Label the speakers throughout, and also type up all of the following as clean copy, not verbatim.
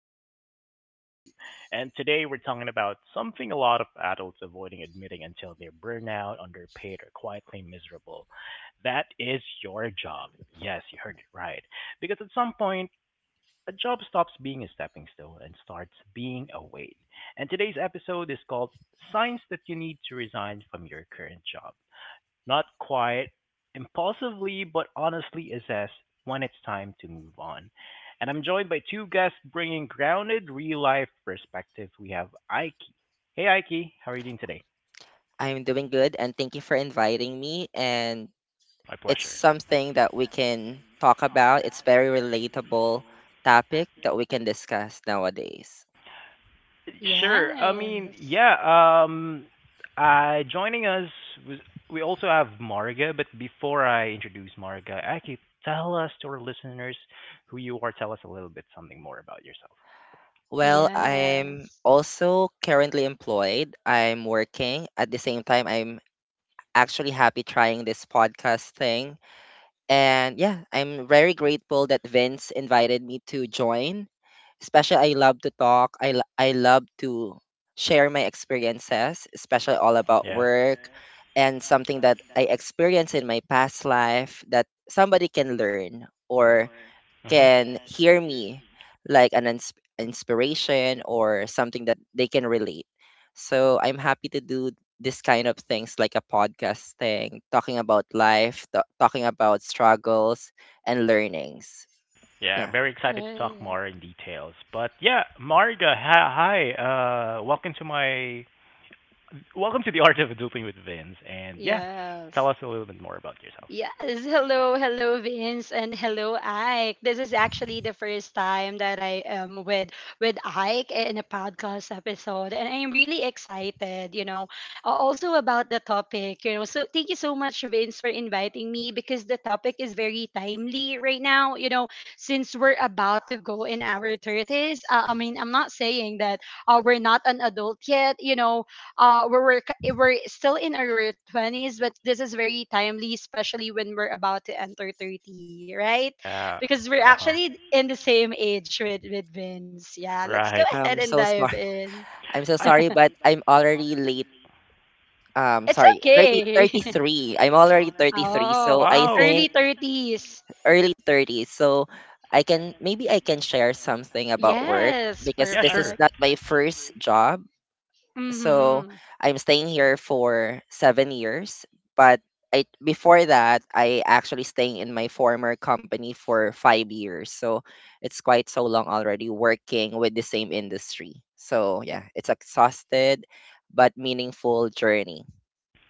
Speaker 1: episode 22, and today we're talking about something a lot of adults avoiding admitting until they're burnout, underpaid, or quietly miserable. That is your job. Yes, you heard it right. Because at some point, a job stops being a stepping stone and starts being a weight. And today's episode is called Signs That You Need to Resign from Your Current Job. Not quite impulsively but honestly assess when it's time to move on. And I'm joined by two guests bringing grounded, real life perspective. We have Ike. Hey, Ike, how are you doing today?
Speaker 2: I'm doing good, and thank you for inviting me. And
Speaker 1: My
Speaker 2: it's
Speaker 1: pleasure.
Speaker 2: something that we can talk about. It's very relatable topic that we can discuss nowadays.
Speaker 1: Sure. I mean,
Speaker 3: Yes.
Speaker 1: yeah. Joining us was we also have Marga. But before I introduce Marga, Ike, tell us to our listeners who you are. Tell us a little bit something more about yourself.
Speaker 2: Well, I'm
Speaker 3: Yes.
Speaker 2: also currently employed. I'm working. At the same time, I'm actually happy trying this podcast thing. And yeah, I'm very grateful that Vince invited me to join. Especially, I love to talk. I love to share my experiences, especially all about
Speaker 1: Yeah.
Speaker 2: work, and something that I experienced in my past life that somebody can learn or
Speaker 1: Hmm.
Speaker 2: can hear me like an inspiration or something that they can relate. So I'm happy to do this kind of things like a podcast thing, talking about life, talking about struggles and learnings.
Speaker 1: Yeah, I'm
Speaker 2: Yeah.
Speaker 1: very excited to talk
Speaker 3: Right.
Speaker 1: more in details. But yeah, Marga, hi. Welcome to my welcome to the art of adulting with Vince. And yeah,
Speaker 3: Yes.
Speaker 1: tell us a little bit more about yourself.
Speaker 3: Yes, hello, hello, Vince, and hello, Ike. This is actually the first time that I am with Ike in a podcast episode, and I'm really excited. Also about the topic. You know, so thank you so much, Vince, for inviting me because the topic is very timely right now. You know, since we're about to go in our thirties. I mean, I'm not saying that we're not an adult yet. We're still in our 20s, but this is very timely, especially when we're about to enter 30, right?
Speaker 1: Yeah.
Speaker 3: Because we're
Speaker 1: Uh huh.
Speaker 3: actually in the same age with Vince. Yeah, let's go
Speaker 1: Right.
Speaker 3: ahead
Speaker 2: I'm
Speaker 3: and
Speaker 2: so
Speaker 3: dive
Speaker 2: sorry.
Speaker 3: in.
Speaker 2: I'm so
Speaker 1: I
Speaker 2: sorry, but I'm already late.
Speaker 3: It's
Speaker 2: Sorry,
Speaker 3: okay.
Speaker 2: 33. I'm already 33.
Speaker 3: Oh,
Speaker 2: So I
Speaker 1: wow.
Speaker 3: early
Speaker 2: think
Speaker 3: 30s.
Speaker 2: early 30s. So I can, maybe I can share something about work,
Speaker 3: Yes,
Speaker 2: because
Speaker 1: Yeah,
Speaker 2: this is
Speaker 1: sure.
Speaker 3: perfect.
Speaker 2: not my first job. So
Speaker 3: Mm-hmm.
Speaker 2: I'm staying here for 7 years, but I before that I actually staying in my former company for 5 years. So it's quite so long already working with the same industry. So yeah, it's exhausted but meaningful journey.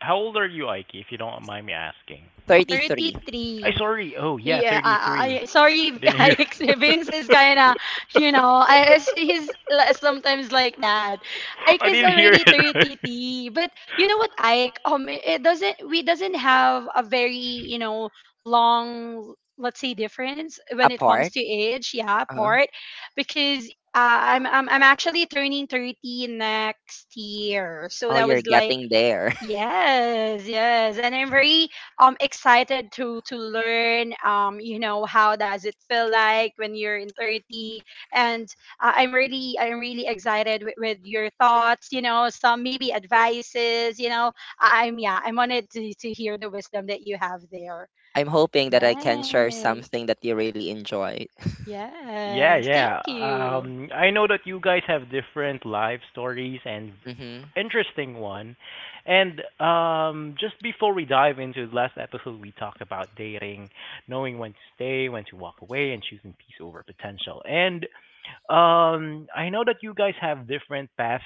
Speaker 1: How old are you, Ike? If you don't mind me asking.
Speaker 2: 33.
Speaker 1: I
Speaker 3: 33.
Speaker 1: sorry. Oh yeah,
Speaker 3: Yeah,
Speaker 1: 33.
Speaker 3: I, I sorry,
Speaker 1: I didn't
Speaker 3: I
Speaker 1: hear.
Speaker 3: Vince is kind of, you know, he's sometimes like that. Ike
Speaker 1: I
Speaker 3: is
Speaker 1: didn't hear
Speaker 3: already
Speaker 1: it.
Speaker 3: 30,
Speaker 1: Right.
Speaker 3: But you know what, Ike? It, it doesn't. We doesn't have a very, you know, long, let's say, difference when it comes
Speaker 2: Apart.
Speaker 3: to age. Yeah,
Speaker 2: Uh-huh.
Speaker 3: part because. I'm actually turning 30 next year. So
Speaker 2: Oh,
Speaker 3: that
Speaker 2: you're
Speaker 3: was like,
Speaker 2: getting there.
Speaker 3: yes, yes, and I'm very excited to learn, you know, how does it feel like when you're in 30. And I'm really excited with your thoughts, you know, some maybe advices, you know. I wanted to hear the wisdom that you have there.
Speaker 2: I'm hoping that I can share
Speaker 3: Right.
Speaker 2: something that you really enjoy.
Speaker 1: Yeah,
Speaker 3: Yes.
Speaker 1: yeah.
Speaker 3: Thank you.
Speaker 1: I know that you guys have different life stories and
Speaker 2: Mm-hmm.
Speaker 1: interesting one. And just before we dive into the last episode, we talked about dating, knowing when to stay, when to walk away, and choosing peace over potential. And I know that you guys have different paths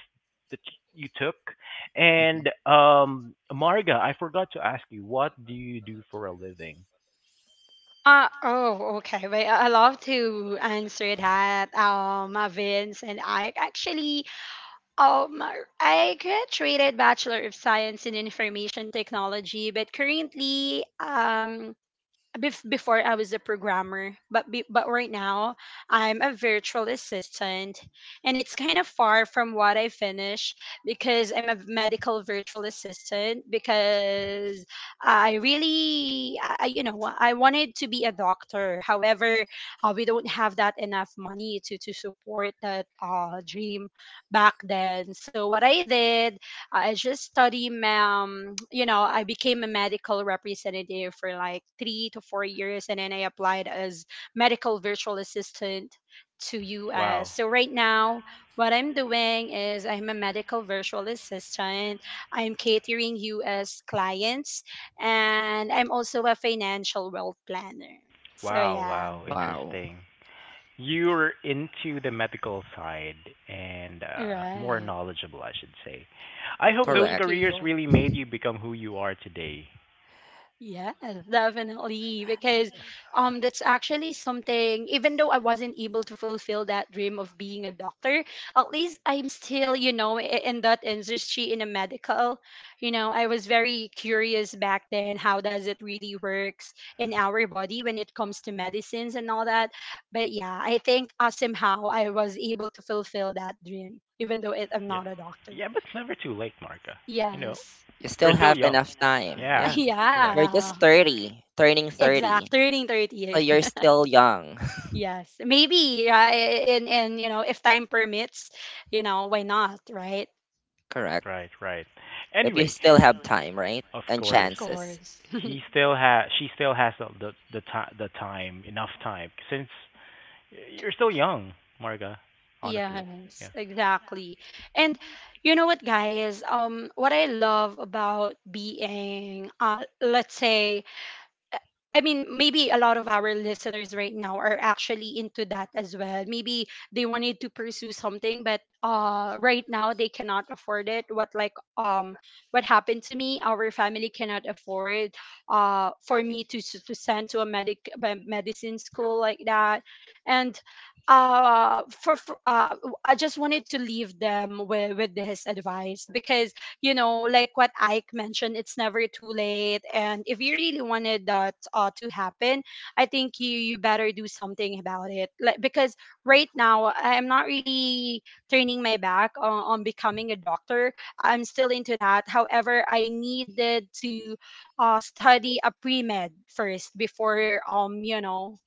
Speaker 1: that you took.
Speaker 2: Mm-hmm.
Speaker 1: And Marga, I forgot to ask you, what do you do for a living?
Speaker 3: Oh, okay. But I love to answer that, Vince and I. Actually, Um, I graduated Bachelor of Science in Information Technology, but currently, before I was a programmer, but but right now I'm a virtual assistant, and it's kind of far from what I finish because I'm a medical virtual assistant. Because I really, you know, I wanted to be a doctor. However, we don't have that enough money to support that dream back then. So what I did, I just study, you know, I became a medical representative for like 3 to 4 years, and then I applied as medical virtual assistant to US.
Speaker 1: Wow,
Speaker 3: So right now, what I'm doing is I'm a medical virtual assistant. I'm catering US clients, and I'm also a financial wealth planner. So yeah,
Speaker 1: wow,
Speaker 2: Wow.
Speaker 1: interesting. You're into the medical side and more
Speaker 3: right.
Speaker 1: knowledgeable, I should say. I hope those
Speaker 3: Thank
Speaker 2: Correct.
Speaker 1: careers
Speaker 3: you.
Speaker 1: really made you become who you are today.
Speaker 3: Yeah, definitely. Because that's actually something. Even though I wasn't able to fulfill that dream of being a doctor, at least I'm still, you know, in that industry, in a medical. You know, I was very curious back then how does it really works in our body when it comes to medicines and all that. But yeah, I think somehow I was able to fulfill that dream even though I'm
Speaker 1: Yeah,
Speaker 3: not a doctor.
Speaker 1: yeah, but it's never too late, Marka. You know,
Speaker 3: Yes.
Speaker 2: You still
Speaker 1: we're still
Speaker 2: have
Speaker 1: young.
Speaker 2: enough
Speaker 1: That's enough time.
Speaker 2: time.
Speaker 1: Yeah,
Speaker 2: Yeah.
Speaker 1: correct.
Speaker 2: You're just
Speaker 3: Yeah.
Speaker 2: 30, turning 30.
Speaker 3: Exact. Turning
Speaker 2: So
Speaker 3: 30.
Speaker 2: you're still young.
Speaker 3: Yes, maybe. And you know, if time permits, you know, why not, right?
Speaker 2: Correct.
Speaker 1: Right.
Speaker 2: If you
Speaker 1: Anyway,
Speaker 2: still have time, right?
Speaker 1: of
Speaker 2: And
Speaker 1: course,
Speaker 3: Of
Speaker 2: chances.
Speaker 3: course.
Speaker 1: he still has. She still has the the time, enough time, since you're still young, Marga. Honestly, yeah,
Speaker 3: Yes, exactly. And you know what, guys? What I love about being, let's say, I mean, maybe a lot of our listeners right now are actually into that as well. Maybe they wanted to pursue something, but right now they cannot afford it. What like what happened to me? Our family cannot afford for me to to send to a medicine school like that. And for I just wanted to leave them with this advice. Because you know, like what Ike mentioned, it's never too late. And if you really wanted that to happen, I think you you better do something about it. Like because right now I'm not really turning my back on becoming a doctor. I'm still into that. However, I needed to study a pre med first before um you know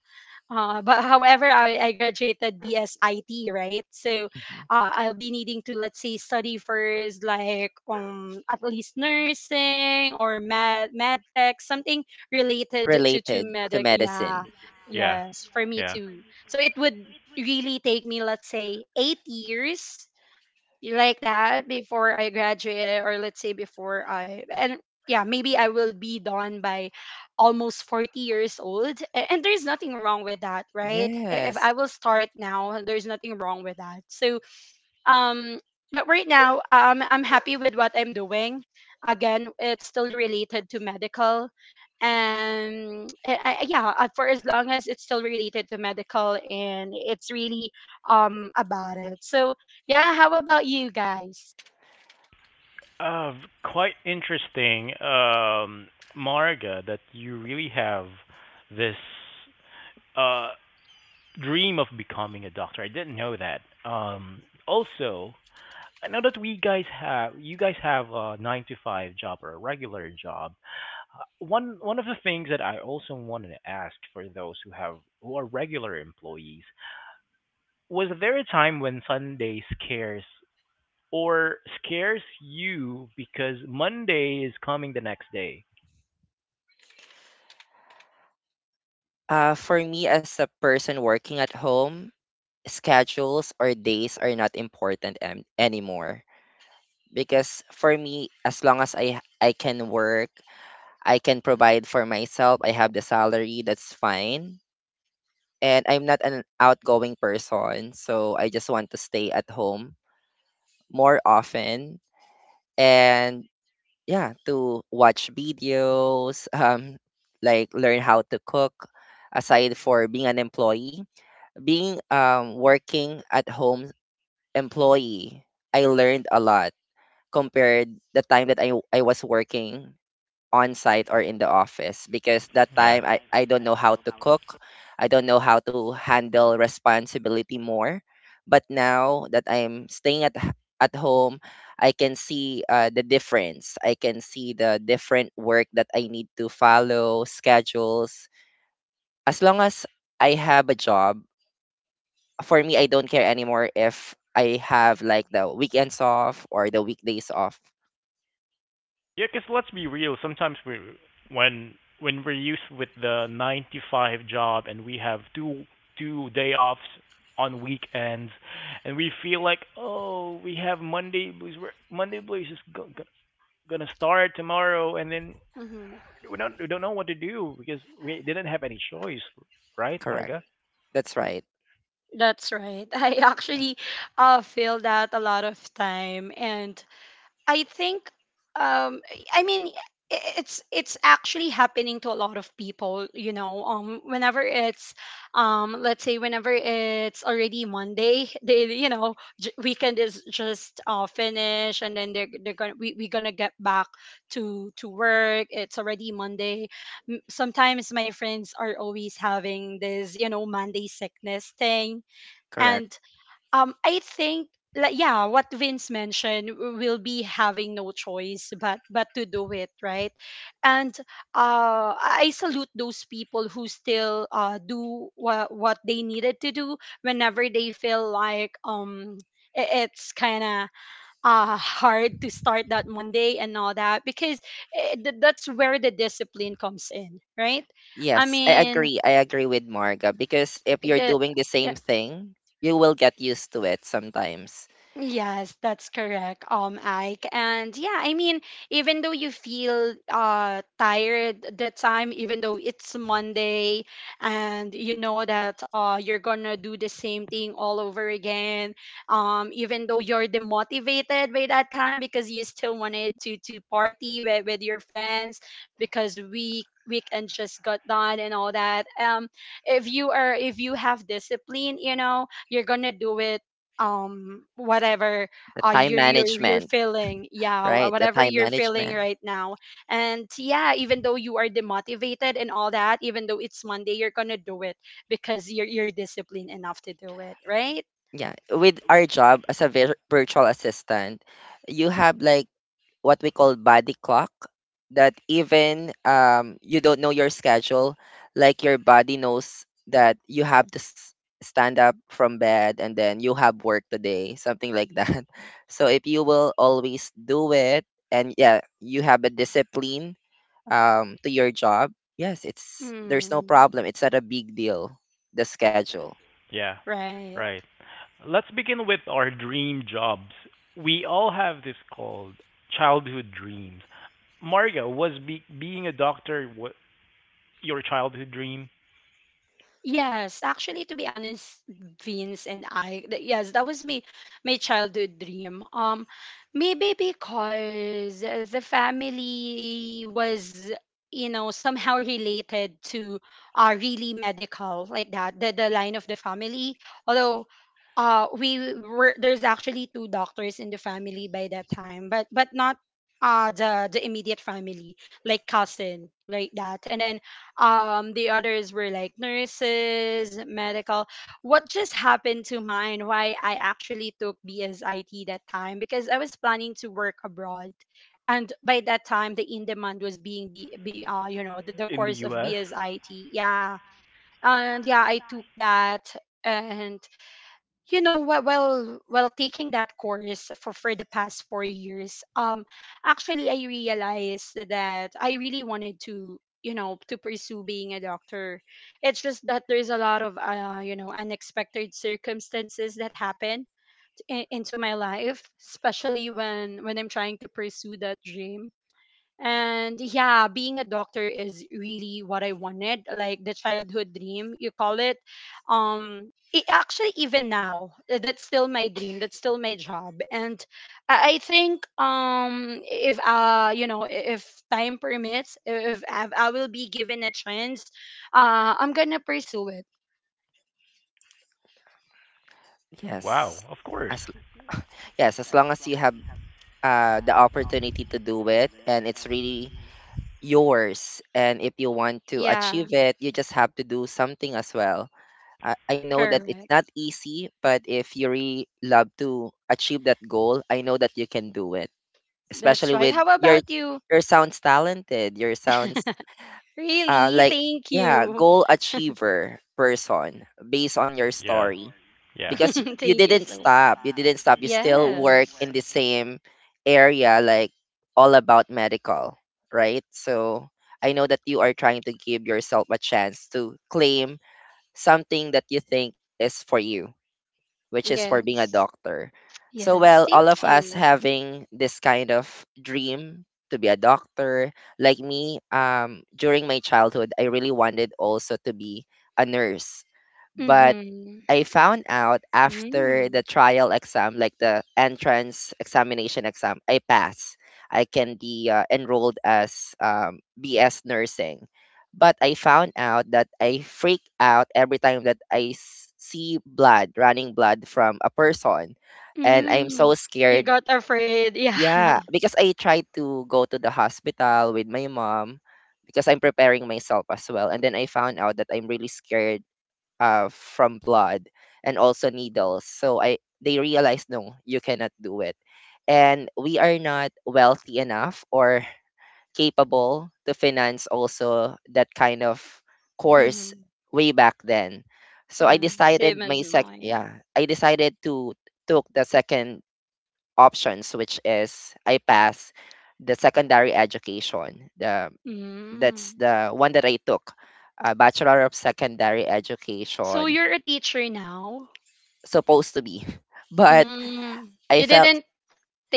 Speaker 3: uh, but however, I graduated BSIT, right? So
Speaker 2: Mhm.
Speaker 3: I'll be needing to, let's say, study first, like at least nursing or med tech, something related to
Speaker 2: Related to
Speaker 3: medic. Yeah,
Speaker 2: medicine.
Speaker 1: yeah,
Speaker 3: yes, for me
Speaker 1: yeah.
Speaker 3: too. So it would really take me, let's say, 8 years like that before I graduated, or let's say before I, and yeah, maybe I will be done by almost 40 years old. And there's nothing wrong with that, right? If
Speaker 2: Yes.
Speaker 3: I will start now, there's nothing wrong with that. So um but right now, I'm happy with what I'm doing. Again, it's still related to medical, and yeah, for as long as it's still related to medical and it's really about it. So yeah, how about you guys?
Speaker 1: Uh, quite interesting, Marga, that you really have this uh, dream of becoming a doctor. I didn't know that. Also, I know that we guys have you guys have a nine to five job or a regular job. One of the things that I also wanted to ask for those who have who are regular employees was there a time when Sunday scares or scares you because Monday is coming the next day.
Speaker 2: For me, as a person working at home, schedules or days are not important anymore. Because for me, as long as I can work, I can provide for myself, I have the salary, that's fine. And I'm not an outgoing person, so I just want to stay at home more often, and yeah, to watch videos like learn how to cook. Aside for being an employee, being working at home employee, I learned a lot compared the time that I was working on site or in the office, because that
Speaker 1: Yeah.
Speaker 2: time I don't know how to cook. I don't know how to handle responsibility more. But now that I'm staying at at home, I can see the difference. I can see the different work that I need to follow, schedules. As long as I have a job, for me, I don't care anymore if I have like the weekends off or the weekdays off.
Speaker 1: Yeah, because 'cause let's be real. When we're used with the nine to five job and we have two-day offs on weekends, and we feel like oh we have Monday blues. Monday blues is gonna start tomorrow, and then
Speaker 3: Hmm.
Speaker 1: we don't know what to do because we didn't have any choice, right,
Speaker 2: Correct.
Speaker 1: Marga?
Speaker 2: That's right.
Speaker 3: That's right. I actually feel that a lot of time, and I think, um I mean it's actually happening to a lot of people, you know. Whenever it's, let's say whenever it's already Monday, they, you know, weekend is just finished, and then they're going to we we're going to get back to work. It's already Monday. Sometimes my friends are always having this, you know, Monday sickness thing.
Speaker 2: Correct.
Speaker 3: And. I think, like, yeah, what Vince mentioned, we'll be having no choice but to do it, right? And I salute those people who still do what they needed to do whenever they feel like, it's kind of hard to start that Monday and all that. Because that's where the discipline comes in, right? I
Speaker 2: Yes, I
Speaker 3: mean.
Speaker 2: agree. I agree with Marga, because if you're
Speaker 3: eh,
Speaker 2: doing the same thing, you will get used to it sometimes.
Speaker 3: Yes, that's correct, Ike. And yeah, I mean, even though you feel tired the time, even though it's Monday and you know that you're gonna do the same thing all over again, even though you're demotivated by that time because you still wanted to party with your friends because weekend just got done and all that. If you are if you have discipline, you know, you're gonna do it, whatever
Speaker 2: The time
Speaker 3: you're
Speaker 2: management,
Speaker 3: feeling,
Speaker 2: right? The
Speaker 3: whatever
Speaker 2: time
Speaker 3: you're feeling
Speaker 2: management.
Speaker 3: right now. And yeah, even though you are demotivated and all that, even though it's Monday, you're gonna do it, because you're disciplined enough to do it, right?
Speaker 2: Yeah. With our job as a virtual assistant, you have like what we call body clock, that even you don't know your schedule, like your body knows that you have to stand up from bed and then you have work today, something like that. So if you will always do it, and yeah, you have a discipline to your job, yes, it's there's no
Speaker 3: Mm,
Speaker 2: problem. It's not a big deal, the schedule.
Speaker 1: Yeah.
Speaker 3: right.
Speaker 1: Right. Let's begin with our dream jobs. We all have this called childhood dreams. Mario, was being a doctor what your childhood dream
Speaker 3: Yes, actually, to be honest, Vince and yes, that was me, my childhood dream. Maybe because the family was, you know, somehow related to really medical like that, the line of the family. Although, we were there's actually two doctors in the family by that time, but not the immediate family, like cousin like that. And then the others were like nurses medical. What just happened to mine, why I actually took BSIT that time, because I was planning to work abroad. And by that time the in demand was being, be you know, the
Speaker 1: in the
Speaker 3: course of
Speaker 1: US?
Speaker 3: BSIT, yeah. And yeah, I took that. And you know, while taking that course for the past 4 years, actually I realized that I really wanted to, you know, to pursue being a doctor. It's just that there's a lot of you know, unexpected circumstances that happen into my life, especially when I'm trying to pursue that dream. And yeah, being a doctor is really what I wanted, like the childhood dream, you call it. Um, Actually, even now, that's still my dream. That's still my job. And I think, if you know, if time permits, if, I will be given a chance, I'm gonna pursue it.
Speaker 1: Wow,
Speaker 2: Yes.
Speaker 1: of course.
Speaker 2: As, yes, as long as you have the opportunity to do it and it's really yours. And if you want to
Speaker 3: Yeah,
Speaker 2: achieve it, you just have to do something as well. I know that it's
Speaker 3: correct.
Speaker 2: not easy, but if you really love to achieve that goal, I know that you can do it.
Speaker 3: That's
Speaker 2: Especially
Speaker 3: right.
Speaker 2: with
Speaker 3: How
Speaker 2: your
Speaker 3: about you?
Speaker 2: your sounds talented, your sounds
Speaker 3: Really?
Speaker 2: like,
Speaker 3: Thank
Speaker 2: yeah,
Speaker 3: you.
Speaker 2: goal achiever person based on your
Speaker 1: Yeah,
Speaker 2: story.
Speaker 1: yeah.
Speaker 2: Because you
Speaker 3: Thank you
Speaker 2: didn't
Speaker 3: so.
Speaker 2: stop, you didn't stop, you still work in
Speaker 3: Yes.
Speaker 2: the same area, like all about medical, right? So I know that you are trying to give yourself a chance to claim something that you think is for you, which is for being a
Speaker 3: Yes.
Speaker 2: doctor. So well,
Speaker 3: Yes.
Speaker 2: all of
Speaker 3: Thank
Speaker 2: us
Speaker 3: you.
Speaker 2: having this kind of dream to be a doctor. Like me, during my childhood I really wanted also to be a nurse, but
Speaker 3: Mm-hmm.
Speaker 2: I found out after the
Speaker 3: Mm.
Speaker 2: trial exam, like the entrance examination exam, I pass. I can be enrolled as BS nursing. But I found out that I freak out every time that I see blood, running blood from a person. And I'm so
Speaker 3: Mm.
Speaker 2: scared.
Speaker 3: You got afraid. Yeah.
Speaker 2: Yeah, because I tried to go to the hospital with my mom, because I'm preparing myself as well. And then I found out that I'm really scared from blood and also needles. So I they realized no, you cannot do it. And we are not wealthy enough or capable to finance also that kind of course
Speaker 3: Mm-hmm.
Speaker 2: way back then. So I
Speaker 3: Yeah. Same
Speaker 2: decided
Speaker 3: as
Speaker 2: my sec
Speaker 3: mine.
Speaker 2: yeah, I decided to took the second options, which is I pass the secondary education. The that's
Speaker 3: Mm.
Speaker 2: the one that I took, a Bachelor of Secondary
Speaker 3: So
Speaker 2: Education
Speaker 3: you're a teacher now?
Speaker 2: supposed to be. But
Speaker 3: Mm.
Speaker 2: I
Speaker 3: You
Speaker 2: felt,
Speaker 3: didn't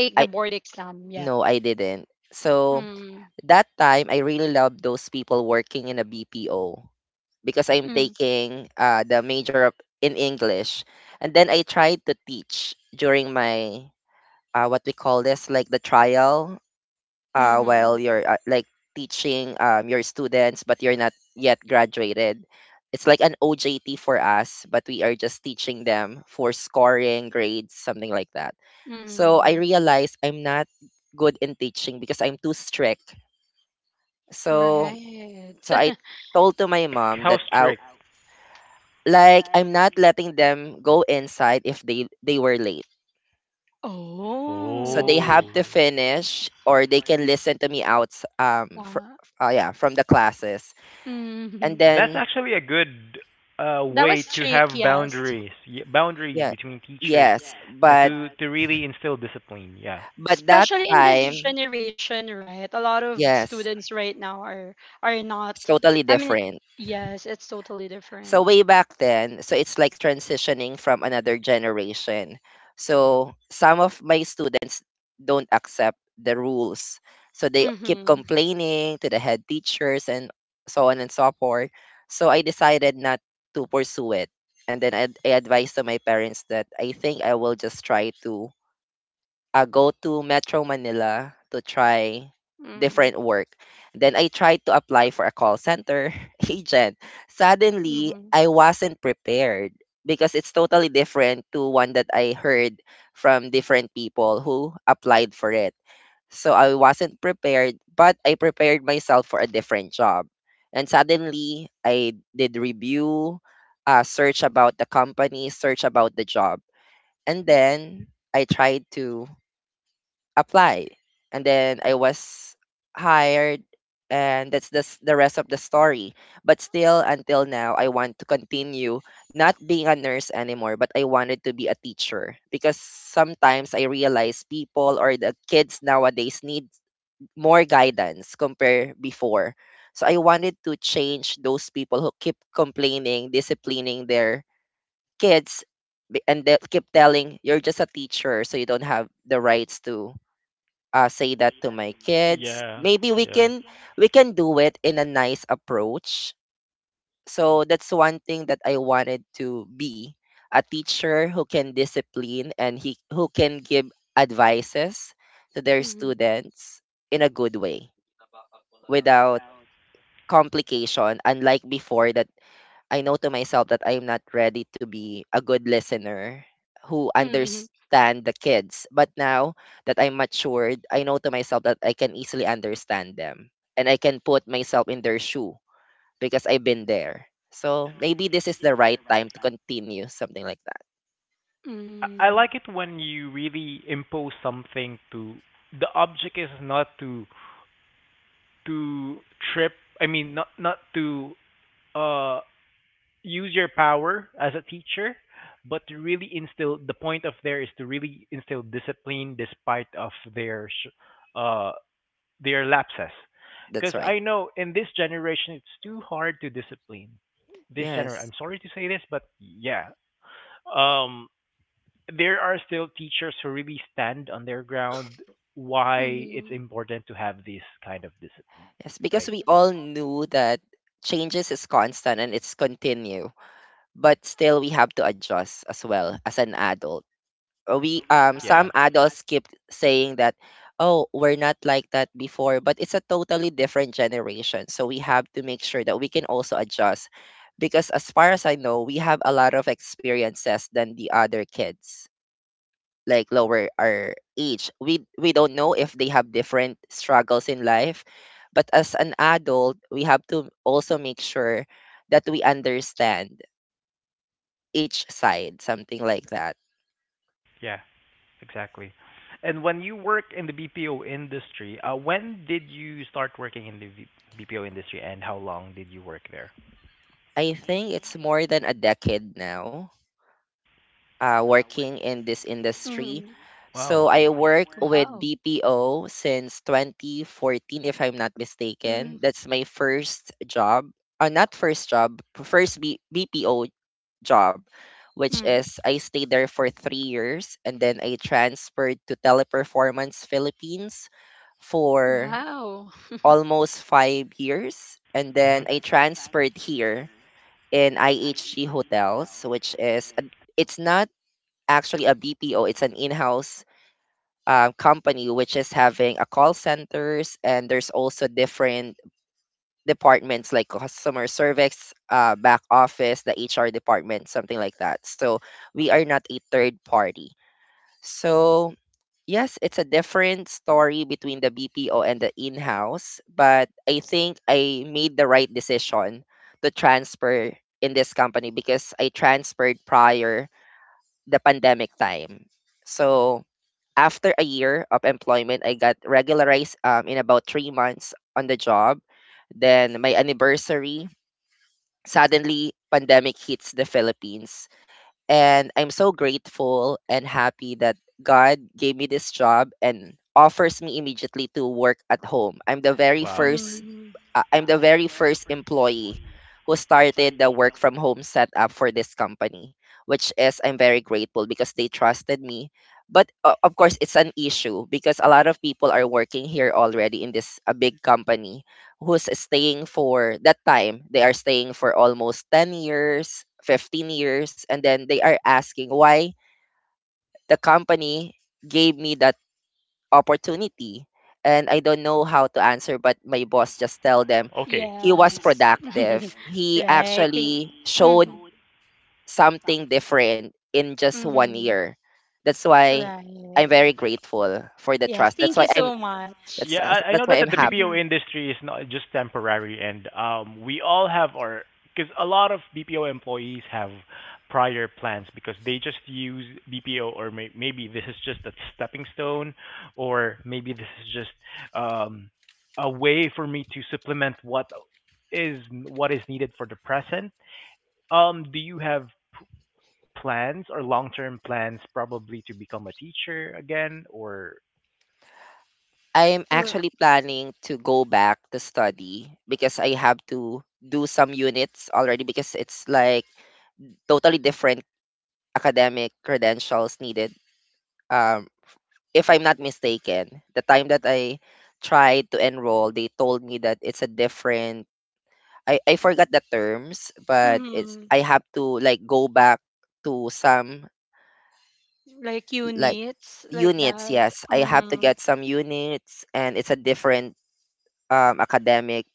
Speaker 3: take
Speaker 2: I
Speaker 3: the board exam yet.
Speaker 2: no, I didn't. So
Speaker 3: Mm.
Speaker 2: that time I really loved those people working in a BPO, because I'm
Speaker 3: Mm.
Speaker 2: taking the major of, in English. And then I tried to teach during my what we call this like the trial, while
Speaker 3: Mm-hmm.
Speaker 2: you're like teaching your students, but you're not yet graduated. It's like an OJT for us, but we are just teaching them for scoring grades, something like that. So I
Speaker 3: Mm.
Speaker 2: realized I'm not good in teaching because I'm too strict. So
Speaker 3: Right.
Speaker 2: so I told to my mom
Speaker 1: How
Speaker 2: that
Speaker 1: strict?
Speaker 2: like I'm not letting them go inside if they were late. So
Speaker 3: Oh.
Speaker 2: they
Speaker 1: Oh,
Speaker 2: have to finish, or they can listen to me out um fr-
Speaker 3: Yeah.
Speaker 2: yeah, from the classes. And
Speaker 3: Mm-hmm.
Speaker 1: that's
Speaker 2: then,
Speaker 1: actually a good
Speaker 3: That
Speaker 1: way
Speaker 3: was
Speaker 1: to
Speaker 3: trick,
Speaker 1: have
Speaker 3: yes.
Speaker 1: boundaries, boundaries
Speaker 2: yeah,
Speaker 1: between teachers,
Speaker 2: yes.
Speaker 1: and
Speaker 2: but
Speaker 1: to really instill discipline. Yeah.
Speaker 2: but that
Speaker 3: Especially in this
Speaker 2: time,
Speaker 3: generation, right? A lot of
Speaker 2: yes,
Speaker 3: students right now are
Speaker 2: it's
Speaker 3: not.
Speaker 2: totally
Speaker 3: I mean,
Speaker 2: different.
Speaker 3: yes, it's totally
Speaker 2: So
Speaker 3: different.
Speaker 2: way back then, so it's like transitioning from another generation, so some of my students don't accept the rules, so they keep
Speaker 3: Mhm.
Speaker 2: complaining to the head teachers, and so on and so forth. So I decided not to pursue it. And then I advised to my parents that I think I will just try to, I go to Metro Manila to try
Speaker 3: Mhm.
Speaker 2: different work. Then I tried to apply for a call center agent. Suddenly,
Speaker 3: Mhm.
Speaker 2: I wasn't prepared because it's totally different to one that I heard from different people who applied for it. So I wasn't prepared, but I prepared myself for a different job. And suddenly, I did review, search about the company, search about the job. And then I tried to apply, and then I was hired, and that's the, the rest of the story. But still until now I want to continue, not being a nurse anymore, but I wanted to be a teacher, because sometimes I realize people or the kids nowadays need more guidance compare before. So I wanted to change those people who keep complaining disciplining their kids, and they keep telling you're just a teacher so you don't have the rights to say that to my kids.
Speaker 1: Yeah.
Speaker 2: Maybe we
Speaker 1: Yeah.
Speaker 2: can, we can do it in a nice approach. So that's one thing that I wanted to be, a teacher who can discipline and he who can give advices to their
Speaker 3: Mhm.
Speaker 2: students in a good way without complication. Unlike before, that I know to myself that I'm not ready to be a good listener who
Speaker 3: Mhm.
Speaker 2: understand the kids. But now that I'm matured, I know to myself that I can easily understand them and I can put myself in their shoe because I've been there. So maybe this is the right time to continue something like that.
Speaker 1: I like
Speaker 3: Mhm.
Speaker 1: it when you really impose something to the object is not to to trip I mean not to uh use your power as a teacher but to really instill the point of there is to really instill discipline despite of their uh their lapses
Speaker 2: That's
Speaker 1: because
Speaker 2: right.
Speaker 1: I know in this generation it's too hard to discipline this gener
Speaker 2: Yes.
Speaker 1: I'm sorry to say this but yeah um there are still teachers who really stand on their ground why it's
Speaker 3: Mhm.
Speaker 1: important to have this kind of discipline,
Speaker 2: Yes, because
Speaker 1: right?
Speaker 2: we all knew that changes is constant and it's continue, but still we have to adjust as well as an adult. We some
Speaker 1: Yeah.
Speaker 2: adults keep saying that, oh, we're not like that before, but it's a totally different generation, so we have to make sure that we can also adjust. Because as far as I know, we have a lot of experiences than the other kids, like lower our age, we don't know if they have different struggles in life. But as an adult, we have to also make sure that we understand each side, something like that.
Speaker 1: Yeah, exactly. And when you work in the BPO industry, when did you start working in the BPO industry and how long did you work there?
Speaker 2: I think it's more than a decade now working in this industry.
Speaker 3: Mhm.
Speaker 1: Wow.
Speaker 2: So
Speaker 1: So
Speaker 2: I
Speaker 1: I
Speaker 2: work
Speaker 1: worked.
Speaker 2: with
Speaker 3: Wow.
Speaker 2: BPO since 2014, if I'm not
Speaker 3: Mhm.
Speaker 2: mistaken. That's my first job. Not first job, first BPO job, which
Speaker 3: Mhm.
Speaker 2: is I stayed there for 3 years, and then I transferred to Teleperformance Philippines for
Speaker 3: Wow.
Speaker 2: almost 5 years. And then
Speaker 1: Mhm.
Speaker 2: I
Speaker 1: And I
Speaker 2: transferred
Speaker 1: transferred
Speaker 2: here
Speaker 1: here.
Speaker 2: in IHG Hotels, which is, it's not actually a BPO. It's an in-house company which is having a call centers, and there's also different departments like customer service, back office, the HR department, something like that. So we are not a third party. So yes, it's a different story between the BPO and the in-house, but I think I made the right decision to transfer in this company because I transferred prior the pandemic time. So after a year of employment, I got regularized in about 3 months on the job. Then my anniversary, suddenly pandemic hits the Philippines. And I'm so grateful and happy that God gave me this job and offers me immediately to work at home.
Speaker 1: I'm the very wow first
Speaker 3: Mhm.
Speaker 2: I'm the very first employee who started the work from home setup for this company, which is I'm very grateful because they trusted me. But of course, it's an issue because a lot of people are working here already in this a big company who's staying for that time. They are staying for almost 10 years, 15 years, and then they are asking why the company gave me that opportunity, and I don't know how to answer, but my boss just
Speaker 1: to
Speaker 2: tell them
Speaker 1: sell. Okay.
Speaker 2: he was
Speaker 3: Yes.
Speaker 2: productive. He
Speaker 3: Right. Thank-.
Speaker 2: actually
Speaker 3: Mhm.
Speaker 2: showed something different in just one
Speaker 3: Mhm.
Speaker 2: year. That's why
Speaker 3: Right.
Speaker 2: I'm very grateful for the
Speaker 3: Yes.
Speaker 2: trust.
Speaker 3: Thank
Speaker 2: That's
Speaker 3: you
Speaker 2: why
Speaker 3: so
Speaker 2: I'm
Speaker 3: much.
Speaker 2: that's
Speaker 1: Yeah, I
Speaker 2: that's
Speaker 1: know that
Speaker 2: why I'm
Speaker 1: the
Speaker 2: happy.
Speaker 3: Mhm.
Speaker 1: BPO industry is not just temporary, and we all have our because a lot of BPO employees have prior plans because they just use BPO or maybe this is just a stepping stone, or maybe this is just um, a way for me to supplement what is needed for the present. Do you have p- plans or long-term plans, probably to become a teacher again, or
Speaker 2: I'm
Speaker 3: R-.
Speaker 2: actually planning to go back to study because I have to do some units already because it's like totally different academic credentials needed. Um, if I'm not mistaken, the time that I tried to enroll, they told me that it's a different I forgot the terms, but it's
Speaker 3: Mhm.
Speaker 2: I have to like go back to some
Speaker 3: Like
Speaker 2: like
Speaker 3: units like
Speaker 2: units,
Speaker 3: that.
Speaker 2: yes. I have to
Speaker 3: Mm,
Speaker 2: get some units and it's a different academic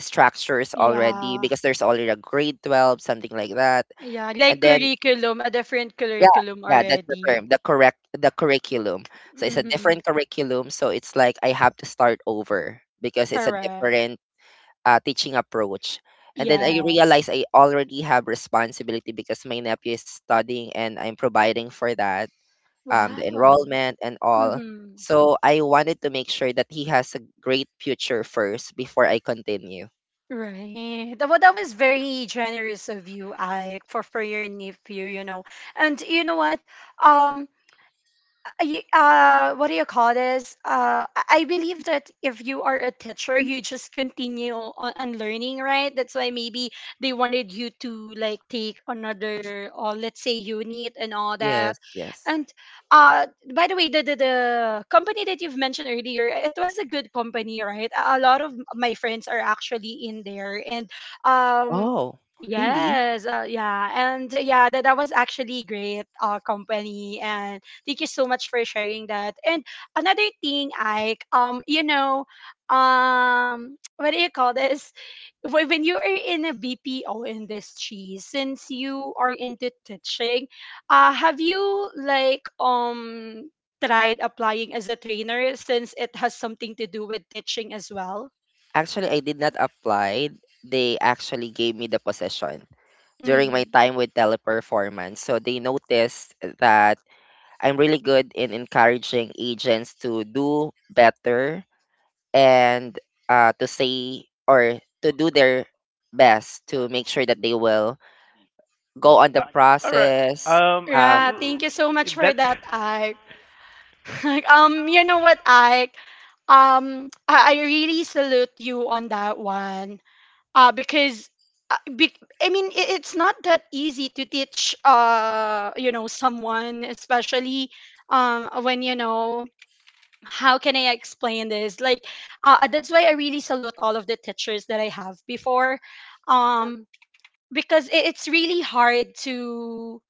Speaker 2: structures already
Speaker 3: yeah,
Speaker 2: because there's already a grade 12 something like that.
Speaker 3: yeah,
Speaker 2: And
Speaker 3: like
Speaker 2: then
Speaker 3: curriculum, a different
Speaker 2: yeah,
Speaker 3: curriculum
Speaker 2: yeah, that's the
Speaker 3: already.
Speaker 2: term, the correct the curriculum. So it's a
Speaker 3: Mm-hmm.
Speaker 2: different curriculum, so it's like I have to start over because it's a
Speaker 3: Correct.
Speaker 2: different teaching approach. And then I realize
Speaker 3: Yes.
Speaker 2: I already have responsibility because my nephew is studying and I'm providing for that, the
Speaker 3: Wow.
Speaker 2: enrollment and all.
Speaker 3: Mm-hmm.
Speaker 2: So I wanted to make sure that he has a great future first before I continue.
Speaker 3: Right. That-. Well, that was very generous of you, Ike, for your nephew. You know, and you know what? Um, I, what do you call this? I believe that if you are a teacher, you just continue on learning, right? That's why maybe they wanted you to like take another, or let's say unit and all that.
Speaker 2: Yes, yes.
Speaker 3: And uh, by the way, the company that you've mentioned earlier, it was a good company, right? A lot of my friends are actually in there. And um.
Speaker 2: Oh, really?
Speaker 3: Yes, yeah, and yeah, that was actually great company. And Thank you so much for sharing that. And another thing, Ike, what do you call this? When you are in a BPO industry, since you are into teaching, have you tried applying as a trainer since it has something to do with teaching as well?
Speaker 2: Actually, I did not apply. They actually gave me the position during my
Speaker 3: Mm-hmm.
Speaker 2: time with teleperformance. So they noticed that I'm really good in encouraging agents to do better and to say or to do their best to make sure that they will go on the
Speaker 1: all right.
Speaker 2: process. Uh,
Speaker 3: Yeah, thank you so much for
Speaker 1: That's.
Speaker 3: that, Ike. Like, you know what, I really salute you on that one. Uh, because uh, be, I mean, it's not that easy to teach. Someone, especially when you know, how can I explain this? That's why I really salute all of the teachers that I have before. Um, because it's really hard to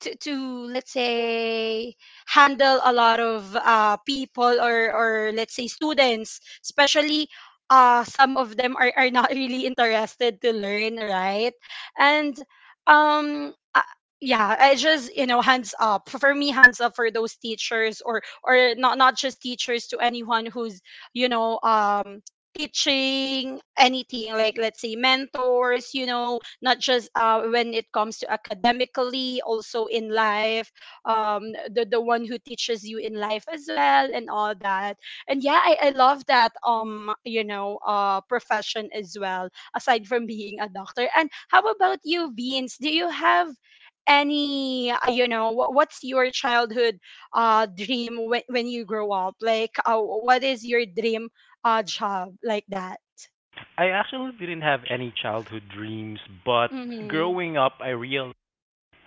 Speaker 3: let's say handle a lot of people, or let's say students, especially some of them are not really interested to learn, right? and um uh, yeah, I just, you know, hands up for me, hands up for those teachers, or not just teachers, to anyone who's you know um teaching anything, like let's say mentors, not just when it comes to academically, also in life. The one who teaches you in life as well and all that. And yeah, I love that profession as well, aside from being a doctor. And how about you, Vince? Do you have any what's your childhood dream when you grow up? Like what is your dream job, like that?
Speaker 1: I actually didn't have any childhood dreams, but
Speaker 3: Mm-hmm.
Speaker 1: growing up,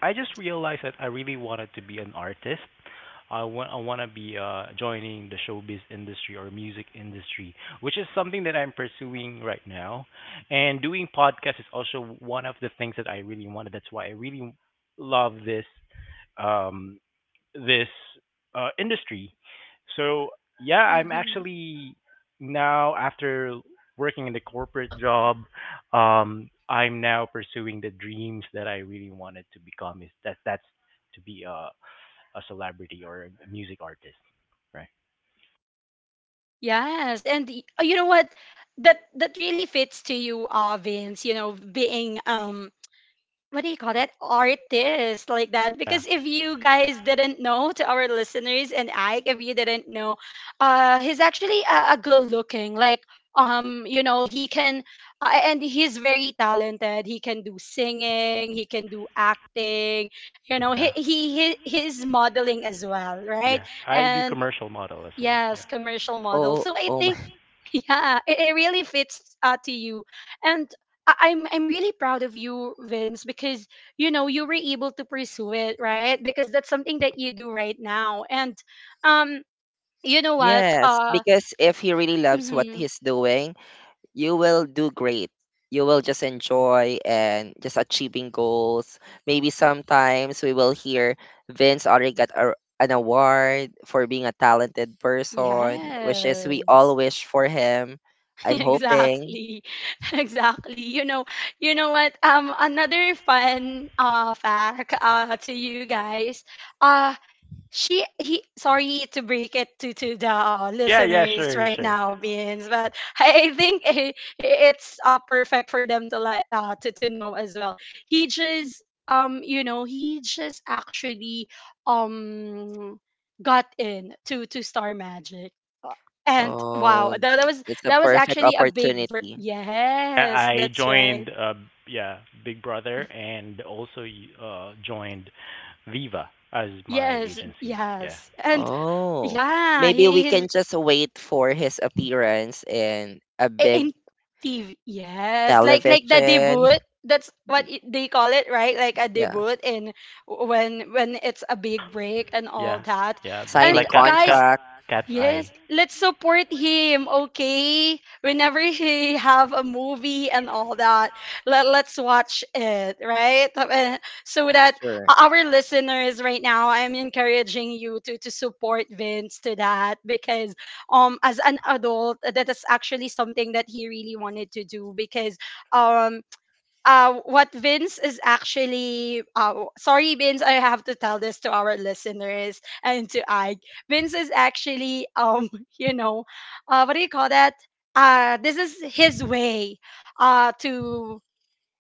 Speaker 1: I just realized that I really wanted to be an artist. I want to be joining the showbiz industry or music industry, which is something that I'm pursuing right now. And doing podcasts is also one of the things that I really wanted. That's why I really love this um this industry. So yeah, I'm actually now after working in the corporate job, I'm now pursuing the dreams that I really wanted to become. Is that that's to be a celebrity or a music artist, right?
Speaker 3: Oh, you know what? That really fits to you, Vince. You know, being what do you call that, artist like that?
Speaker 1: Yeah,
Speaker 3: Because if you guys didn't know, to our listeners and Ike, if you didn't know, he's actually a good looking. Um, you know, he can, he's very talented. He can do singing. He can do acting. You know, he
Speaker 1: yeah,
Speaker 3: he he he's modeling as well, right?
Speaker 1: yeah. I do
Speaker 3: And
Speaker 1: commercial model as well. Yeah,
Speaker 3: yes, commercial model.
Speaker 2: oh,
Speaker 3: So I
Speaker 2: oh my.
Speaker 3: think yeah, it really fits to you. And I'm really proud of you, Vince, because you know you were able to pursue it, right? Because that's something that you do right now. And um, you know what?
Speaker 2: Yes, because if he really loves what
Speaker 3: Mhm.
Speaker 2: he's doing, you will do great. You will just enjoy and just achieving goals. Maybe sometimes we will hear Vince already got an award for being a talented person, which is we all
Speaker 3: Yes,
Speaker 2: wish for him. I'm hoping.
Speaker 3: exactly. Exactly. You know what? Another fun fact to you guys. uh. She He, sorry to break it to the
Speaker 1: yeah, yeah.
Speaker 3: listeners
Speaker 1: Sure,
Speaker 3: right
Speaker 1: sure.
Speaker 3: now, Beans, but I think it's perfect for them to let to know as well. He just he just actually um got in to Star Magic. Uh, and wow,
Speaker 2: Oh,
Speaker 3: that was,
Speaker 2: it's a
Speaker 3: that was
Speaker 2: perfect
Speaker 3: actually a big
Speaker 2: opportunity.
Speaker 3: yes,
Speaker 1: I
Speaker 3: that's right.
Speaker 1: joined, yeah, Big Brother, and also joined Viva as my
Speaker 3: Yes,
Speaker 1: agency. Yeah,
Speaker 3: yes. and
Speaker 2: Oh,
Speaker 3: yeah,
Speaker 2: maybe
Speaker 3: he,
Speaker 2: we
Speaker 3: he's
Speaker 2: can just wait for his appearance in a big
Speaker 3: In TV. Yes, like the
Speaker 2: television.
Speaker 3: debut. That's what they call it, right? Like a
Speaker 2: Yeah,
Speaker 3: debut in, when it's a big break and all
Speaker 1: yeah,
Speaker 3: that.
Speaker 1: yeah. Just
Speaker 3: And
Speaker 2: signing
Speaker 1: like
Speaker 3: guys,
Speaker 2: contract.
Speaker 1: cat's
Speaker 3: yes,
Speaker 1: eye.
Speaker 3: let's support him, okay? Whenever he have a movie and all that, let's watch it, right? So that
Speaker 2: Sure.
Speaker 3: our listeners right now, I'm encouraging you to support Vince to that, because as an adult, that is actually something that he really wanted to do, because um what Vince is actually sorry, Vince, I have to tell this to our listeners and to Ike. Vince is actually you know, what do you call that? This is his way to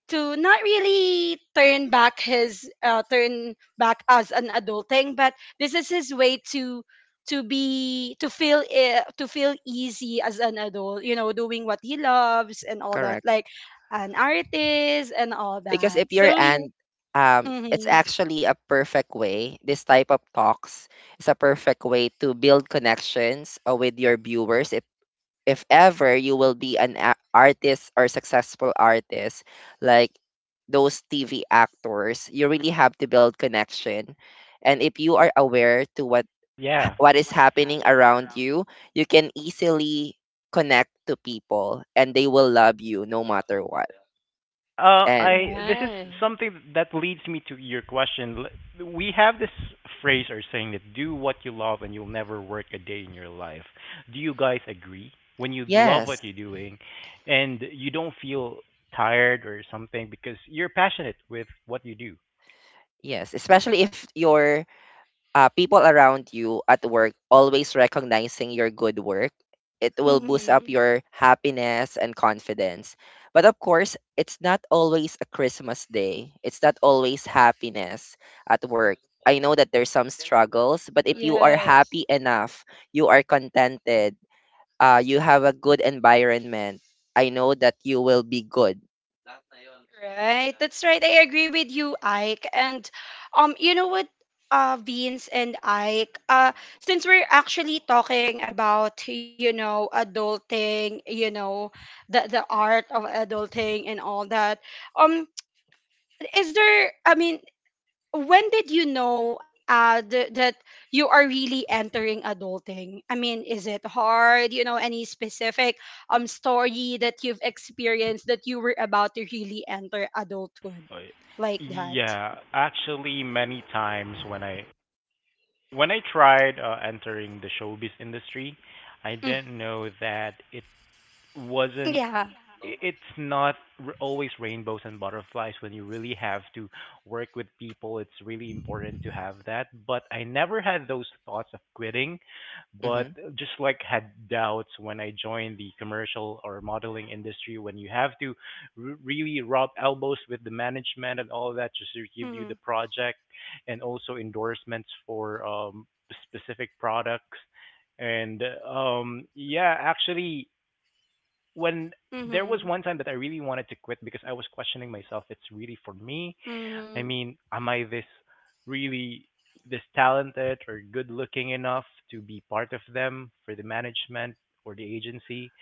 Speaker 3: not really turn back his turn back as an adulting, but this is his way to be to feel to feel easy as an adult, you know, doing what he loves and all that,
Speaker 2: Correct.
Speaker 3: like an artist and all
Speaker 2: Because
Speaker 3: that.
Speaker 2: if you're
Speaker 3: So yeah.
Speaker 2: and It's
Speaker 3: Mm-hmm.
Speaker 2: actually a perfect way. This type of talks is a perfect way to build connections with your viewers. If ever you will be an artist or successful artist like those TV actors, you really have to build connection. And if you are aware to
Speaker 1: Yeah.
Speaker 2: what is happening around you, you can easily connect to people and they will love you no matter what. And
Speaker 1: I this is
Speaker 3: Right.
Speaker 1: something that leads me to your question. We have this phrase or saying that do what you love and you'll never work a day in your life. Do you guys agree? When you love
Speaker 2: yes,
Speaker 1: what you're doing, and you don't feel tired or something because you're passionate with what you do.
Speaker 2: yes, especially if your people around you at work always recognizing your good work, it will boost up
Speaker 3: Mm-hmm.
Speaker 2: your happiness and confidence. But of course, it's not always a Christmas day. It's not always happiness at work. I know that there's some struggles, but if you are
Speaker 3: Yes.
Speaker 2: happy enough, you are contented, you have a good environment, I know that you will be good.
Speaker 3: Right, that's right. I agree with you, Ike. And you know what, Beans and Ike, since we're actually talking about, you know, adulting, you know, the art of adulting and all that, um, is there? I mean, when did you know that you are really entering adulting? I mean, is it hard? You know, any specific story that you've experienced that you were about to really enter adulthood
Speaker 1: Uh,
Speaker 3: like that?
Speaker 1: yeah, actually, many times when I tried entering the showbiz industry, I
Speaker 3: Mm,
Speaker 1: didn't know that it wasn't
Speaker 3: yeah.
Speaker 1: I- it's not always rainbows and butterflies. When you really have to work with people, it's really important to have that, but I never had those thoughts of quitting, but
Speaker 2: Mm-hmm.
Speaker 1: just like had doubts when I joined the commercial or modeling industry when you have to really rub elbows with the management and all that just to give you the
Speaker 3: Mm-hmm.
Speaker 1: project, and also endorsements for specific products. And yeah actually when there was
Speaker 3: Mm-hmm.
Speaker 1: one time that I really wanted to quit because I was questioning myself. It's really for me. I
Speaker 3: Mm-hmm.
Speaker 1: mean, am I this really this talented or good looking enough to be part of them for the management or the agency?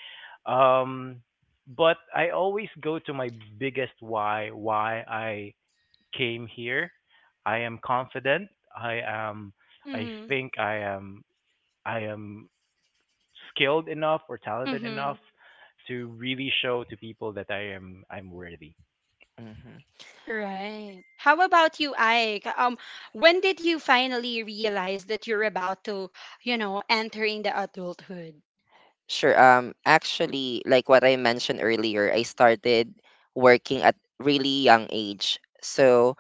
Speaker 1: Um, but I always go to my biggest why I came here. I am confident. I am.
Speaker 3: Mm-hmm.
Speaker 1: I am. I am skilled enough or talented
Speaker 3: Mm-hmm.
Speaker 1: enough to really show to people that I'm worthy.
Speaker 2: Mm-hmm.
Speaker 3: Right, how about you, Ike? When did you finally realize that you're about to, you know, entering the adulthood?
Speaker 2: Sure. Actually, like what I mentioned earlier, I started working at really young age. So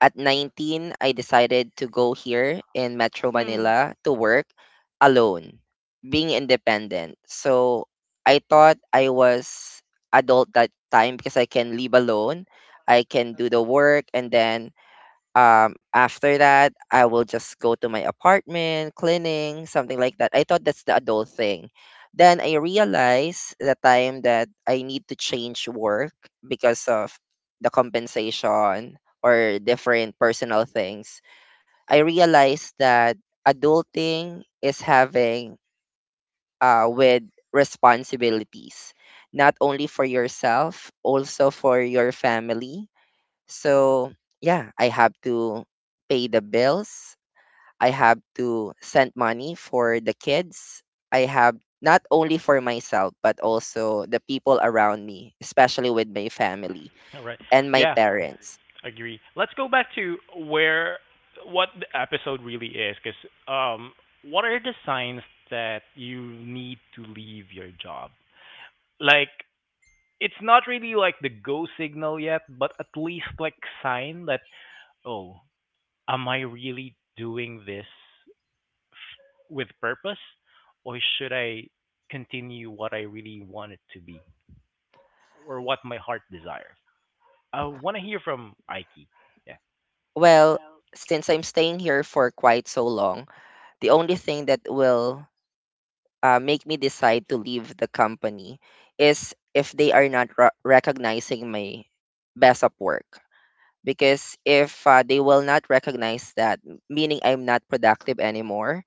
Speaker 2: at 19, I decided to go here in Metro
Speaker 3: Mm-hmm.
Speaker 2: Manila to work alone, being independent. So I thought I was adult that time because I can live alone. I can do the work and then after that I will just go to my apartment cleaning something like that I thought that's the adult thing then I realized the time that I need to change work because of the compensation or different personal things I realized that adulting is having with responsibilities not only for yourself also for your family so, yeah, I have to pay the bills. I have to send money for the kids. I have not only for myself, but also the people around me, especially with my family
Speaker 1: All right.
Speaker 2: and my
Speaker 1: Yeah,
Speaker 2: parents.
Speaker 1: agree. Let's go back to where what the episode really is, because um, what are the signs that you need to leave your job? Like, it's not really like the go signal yet, but at least like sign that oh, am I really doing this with purpose or should I continue what I really want it to be or what my heart desires? I want to hear from Aiki. Yeah.
Speaker 2: Well, since I'm staying here for quite so long, the only thing that will make me decide to leave the company is if they are not recognizing my best of work. Because if they will not recognize that meaning I'm not productive anymore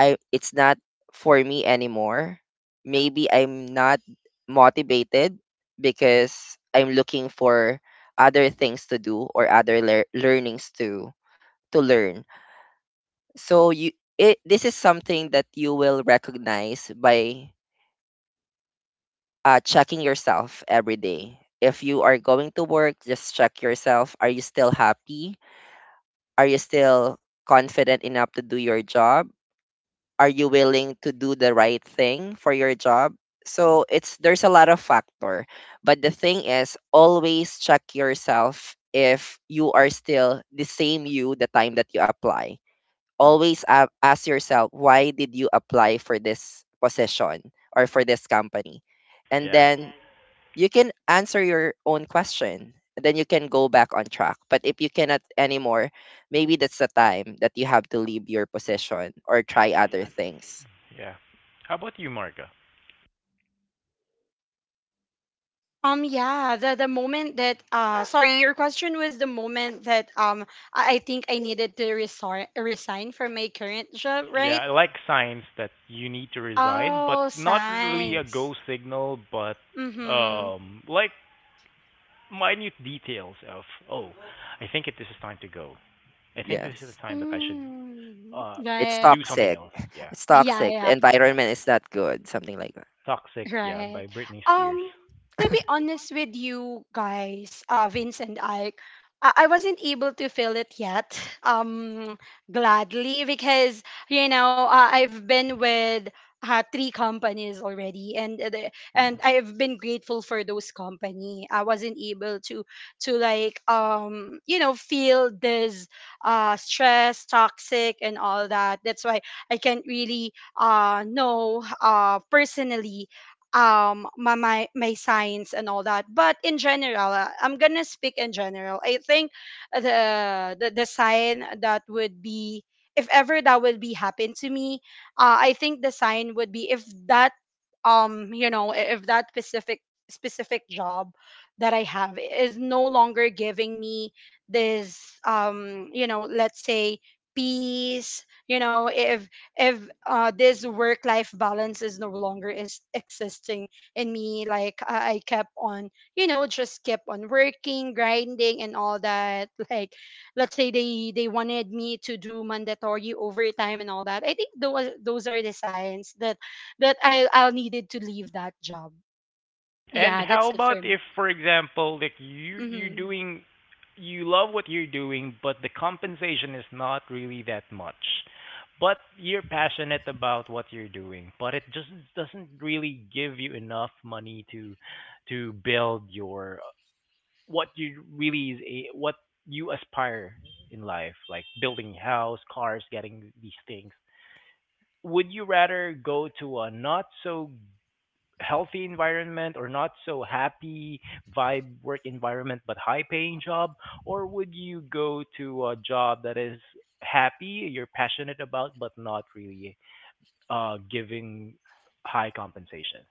Speaker 2: I it's not for me anymore maybe I'm not motivated because I'm looking for other things to do or other learnings to learn so you it, this is something that you will recognize by checking yourself every day if you are going to work just check yourself are you still happy. Are you still confident enough to do your job? Are you willing to do the right thing for your job? So it's there's a lot of factor. But the thing is always check yourself if you are still the same you the time that you apply. Always ask yourself why did you apply for this position or for this company? And
Speaker 1: Yeah.
Speaker 2: then you can answer your own question and then you can go back on track but if you cannot anymore maybe that's the time that you have to leave your position or try other things
Speaker 1: Yeah. How about you, Marga?
Speaker 3: The moment that sorry, your question was the moment that I think I needed to resign from my current job,
Speaker 1: Yeah,
Speaker 3: right?
Speaker 1: I like signs that you need to resign, but
Speaker 3: Oh,
Speaker 1: not really a
Speaker 3: science.
Speaker 1: go signal, but
Speaker 3: Mhm.
Speaker 1: like minute details of, oh, I think it this is time to go. I think this is
Speaker 2: yes
Speaker 1: the time that I should
Speaker 3: Mm,
Speaker 1: uh
Speaker 2: it's
Speaker 3: right.
Speaker 1: do something
Speaker 2: toxic
Speaker 1: else. Yeah.
Speaker 2: it's
Speaker 3: Yeah,
Speaker 2: toxic the
Speaker 3: yeah.
Speaker 2: environment is not good something like that.
Speaker 1: Toxic, yeah,
Speaker 3: Right.
Speaker 1: by Britney Spears.
Speaker 3: Um, to be honest with you guys, Vince and Ike, I wasn't able to feel it yet, gladly, because, you know, I've been with three companies already, and
Speaker 2: Mm.
Speaker 3: I've been grateful for those company. I wasn't able to feel this stress, toxic, and all that. That's why I can't really know personally my science and all that. But in general, I'm gonna speak in general. I think the sign that would be, if ever that will be happen to me, I think the sign would be if that, if that specific job that I have is no longer giving me this, let's say peace. You know, if this work life balance is no longer is existing in me, like I kept on, you know, just kept on working, grinding, and all that like, let's say they wanted me to do mandatory overtime and all that. I think those are the signs that I'll needed to leave that job.
Speaker 1: And
Speaker 3: Yeah, that's
Speaker 1: how
Speaker 3: it for
Speaker 1: about
Speaker 3: me.
Speaker 1: if, for example, like you're
Speaker 3: Mm-hmm.
Speaker 1: doing you love what you're doing, but the compensation is not really that much. But you're passionate about what you're doing, but it just doesn't really give you enough money to build your what you really is a, what you aspire in life, like building house, cars, getting these things. Would you rather go to a not so healthy environment or not so happy vibe work environment but high paying job, or would you go to a job that is happy you're passionate about but not really giving high compensation?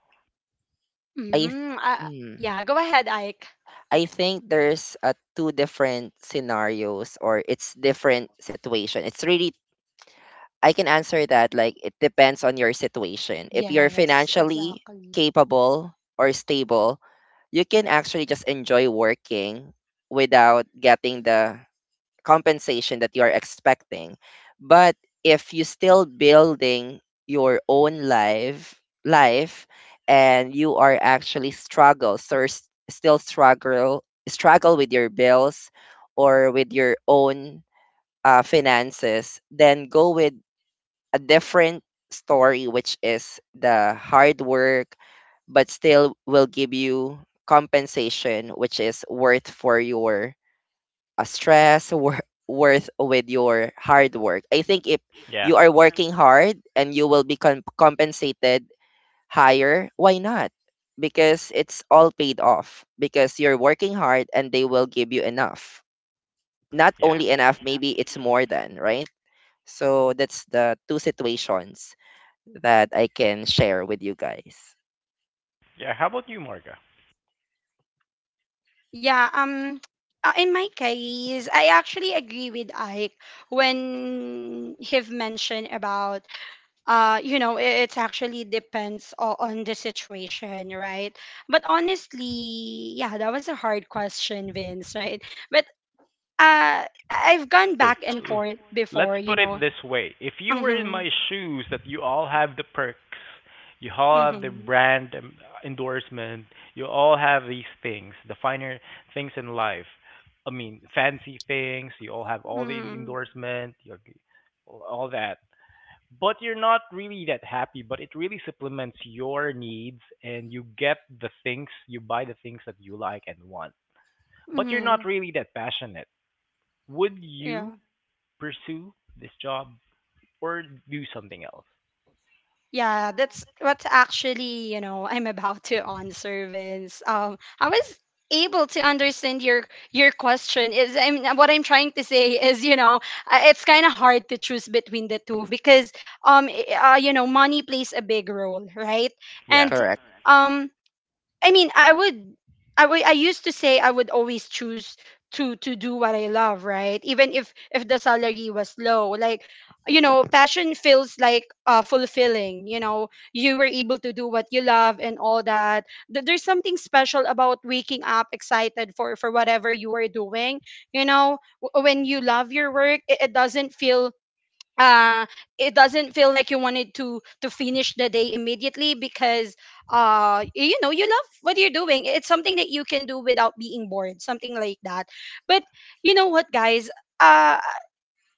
Speaker 2: i th-
Speaker 3: Mm-hmm.
Speaker 2: mm.
Speaker 3: Yeah, go ahead, Ike.
Speaker 2: I think there's two different scenarios or it's different situation it's really I can answer that like it depends on your situation. If you're
Speaker 3: Yes,
Speaker 2: financially
Speaker 3: exactly.
Speaker 2: capable or stable, you can actually just enjoy working without getting the compensation that you are expecting. But if you still building your own life and you are actually struggle, so still struggle struggle with your bills or with your own finances, then go with a different story, which is the hard work, but still will give you compensation, which is worth for your stress, worth with your hard work. I think if
Speaker 1: yeah
Speaker 2: you are working hard and you will be compensated higher, why not? Because it's all paid off because you're working hard and they will give you enough. Not
Speaker 1: yeah
Speaker 2: only enough, maybe it's more than, right? So that's the two situations that I can share with you guys.
Speaker 1: yeah How about you, Marga?
Speaker 3: Yeah, in my case, I actually agree with Ike, when he've mentioned about, you know, it's actually depends on the situation, right? But honestly, yeah, that was a hard question, Vince, right? But I've gone
Speaker 1: Hey,
Speaker 3: back and forth
Speaker 1: let's
Speaker 3: before, you
Speaker 1: put it
Speaker 3: know.
Speaker 1: this way. If you were in
Speaker 3: Mhm.
Speaker 1: my shoes, that you all have the perks, you all have the
Speaker 3: Mhm.
Speaker 1: endorsement, you all have these things, the finer things in life. I mean, fancy things, you all have all the
Speaker 3: Mhm.
Speaker 1: endorsement, you have all that. But you're not really that happy, but it really supplements your needs and you get the things, you buy the things that you like and want. But you're not
Speaker 3: Mhm.
Speaker 1: really that passionate. Would you
Speaker 3: Yeah.
Speaker 1: pursue this job or do something else?
Speaker 3: Yeah, that's what actually, you know, I'm about to answer, Vince. I was able to understand your question. Is I mean, what I'm trying to say is, you know, it's kind of hard to choose between the two, because, you know, money plays a big role, right?
Speaker 1: Yeah,
Speaker 3: And
Speaker 2: Correct.
Speaker 3: um, I mean, I used to say I would always choose to do what I love, right? Even if the salary was low. Like, you know, passion feels like, fulfilling. You know, you were able to do what you love and all that. There's something special about waking up excited for whatever you are doing. You know, when you love your work, uh it doesn't feel like you wanted to finish the day immediately, because you know, you love what you're doing. It's something that you can do without being bored, something like that. But you know what, guys, uh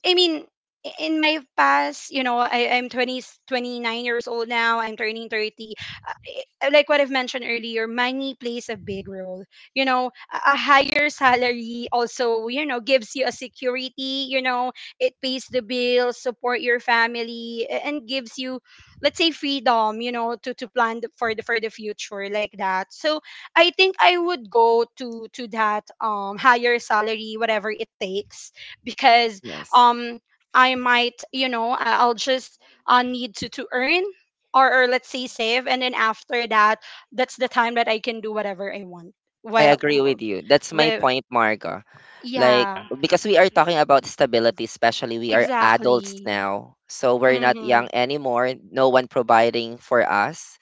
Speaker 3: I mean, in my past, you know, I'm 29 years old now. I'm turning 30. Uh, like what I've mentioned earlier, money plays a big role. You know, a higher salary also, you know, gives you a security. You know, it pays the bills, support your family, and gives you, let's say, freedom, you know, to plan for the future like that. So I think I would go to that higher salary, whatever it takes, because
Speaker 2: Yes.
Speaker 3: um I might, you know, I'll just need to earn, or let's say save, and then after that, that's the time that I can do whatever I want.
Speaker 2: I agree
Speaker 3: Well,
Speaker 2: with you. That's my
Speaker 3: well,
Speaker 2: point, Marga. Like,
Speaker 3: yeah,
Speaker 1: And
Speaker 2: because we are talking about stability, especially we are adults
Speaker 3: exactly.
Speaker 2: now. So we're not young
Speaker 3: Mm-hmm,
Speaker 2: anymore, no one providing for us.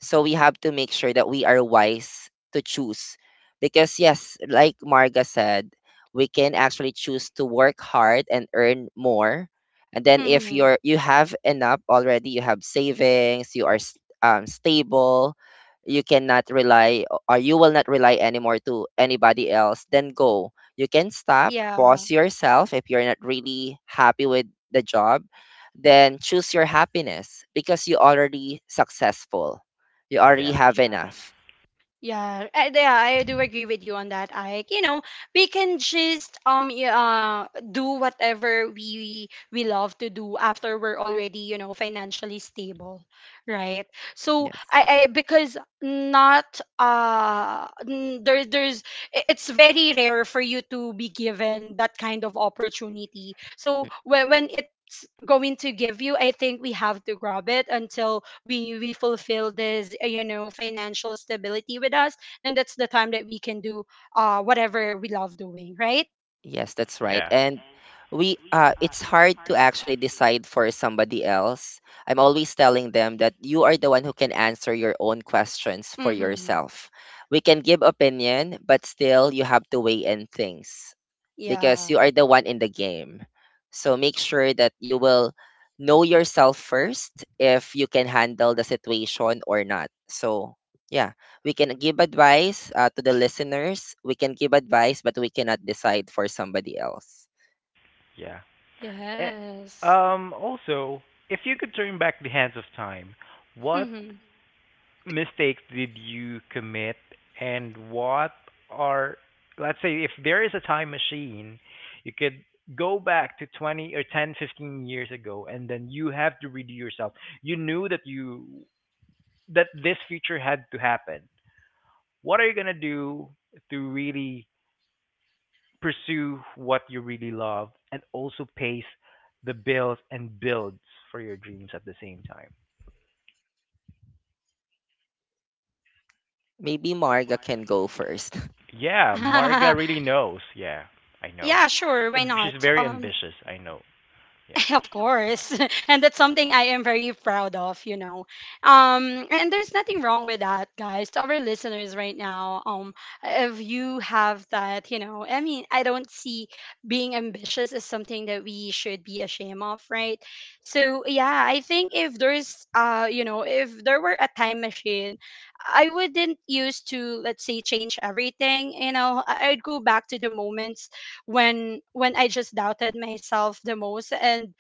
Speaker 2: So we have to make sure that we are wise to choose. Because, yes, like Marga said, we can actually choose to work hard and earn more. And then if
Speaker 3: mm-hmm,
Speaker 2: you're you have enough already, you have savings, you are stable, you cannot rely o- or you will not rely anymore to anybody else, then go you can stop,
Speaker 3: yeah.
Speaker 2: pause yourself if you're not really happy with the job, then choose your happiness because you already successful. You already
Speaker 1: yeah,
Speaker 2: have
Speaker 1: yeah,
Speaker 2: enough.
Speaker 3: Yeah, I do agree with you on that, Ike. You know, we can just do whatever we love to do after we're already, you know, financially stable, right? So
Speaker 2: Yes.
Speaker 3: I, because not there's, it's very rare for you to be given that kind of opportunity. So
Speaker 2: Mm,
Speaker 3: when it's going to give you, I think we have to grab it until we fulfill this you know, financial stability with us, then that's the time that we can do whatever we love doing, right?
Speaker 2: yes, that's right.
Speaker 1: yeah,
Speaker 2: And we it's hard to actually decide for somebody else. I'm always telling them that you are the one who can answer your own questions for
Speaker 3: Mm-hmm.
Speaker 2: yourself. We can give opinion, but still you have to weigh in things. Because
Speaker 3: Yeah.
Speaker 2: you are the one in the game. So make sure that you will know yourself first if you can handle the situation or not. So, yeah, we can give advice to the listeners. We can give advice, but we cannot decide for somebody else.
Speaker 1: right? And yeah.
Speaker 3: Yes.
Speaker 1: Also, if you could turn back the hands of time, what
Speaker 3: Mm-hmm.
Speaker 1: mistakes did you commit, and what are, let's say, if there is a time machine, you could go back to 20 or 10, 15 years ago, and then you have to redo yourself. You knew that you that this future had to happen, what are you going to do to really pursue what you really love and also pace the bills and builds for your dreams at the same time?
Speaker 2: Maybe Marga can go first.
Speaker 1: Yeah, Marga really knows. Yeah, I know.
Speaker 3: Yeah, sure, why
Speaker 1: She's
Speaker 3: not?
Speaker 1: very ambitious. I know. Yeah.
Speaker 3: Of course. And that's something I am very proud of. And there's nothing wrong with that, guys. To our listeners right now, if you have that, I mean, I don't see being ambitious as something that we should be ashamed of, right? So yeah, I think, if there were a time machine, I wouldn't use to, let's say, change everything. I'd go back to the moments when I just doubted myself the most, and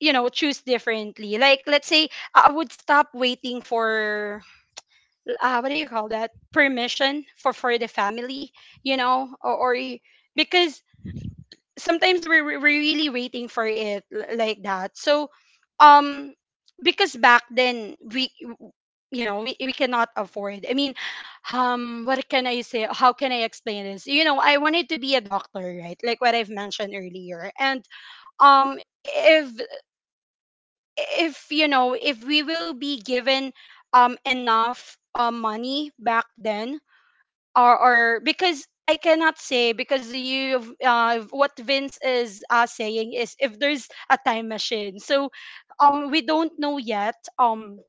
Speaker 3: choose differently, like, let's say, I would stop waiting for, what do you call that, permission for the family, you know or, or y- because sometimes we're really waiting for it, like that, so, um because back then, we you know we cannot afford, I mean, what can I say, how can I explain this, I wanted to be a doctor, right, like what I've mentioned earlier, and um if if, if we will be given enough money back then, or because I cannot say, because you what Vince is, saying is, if there's a time machine, so, we don't know yet.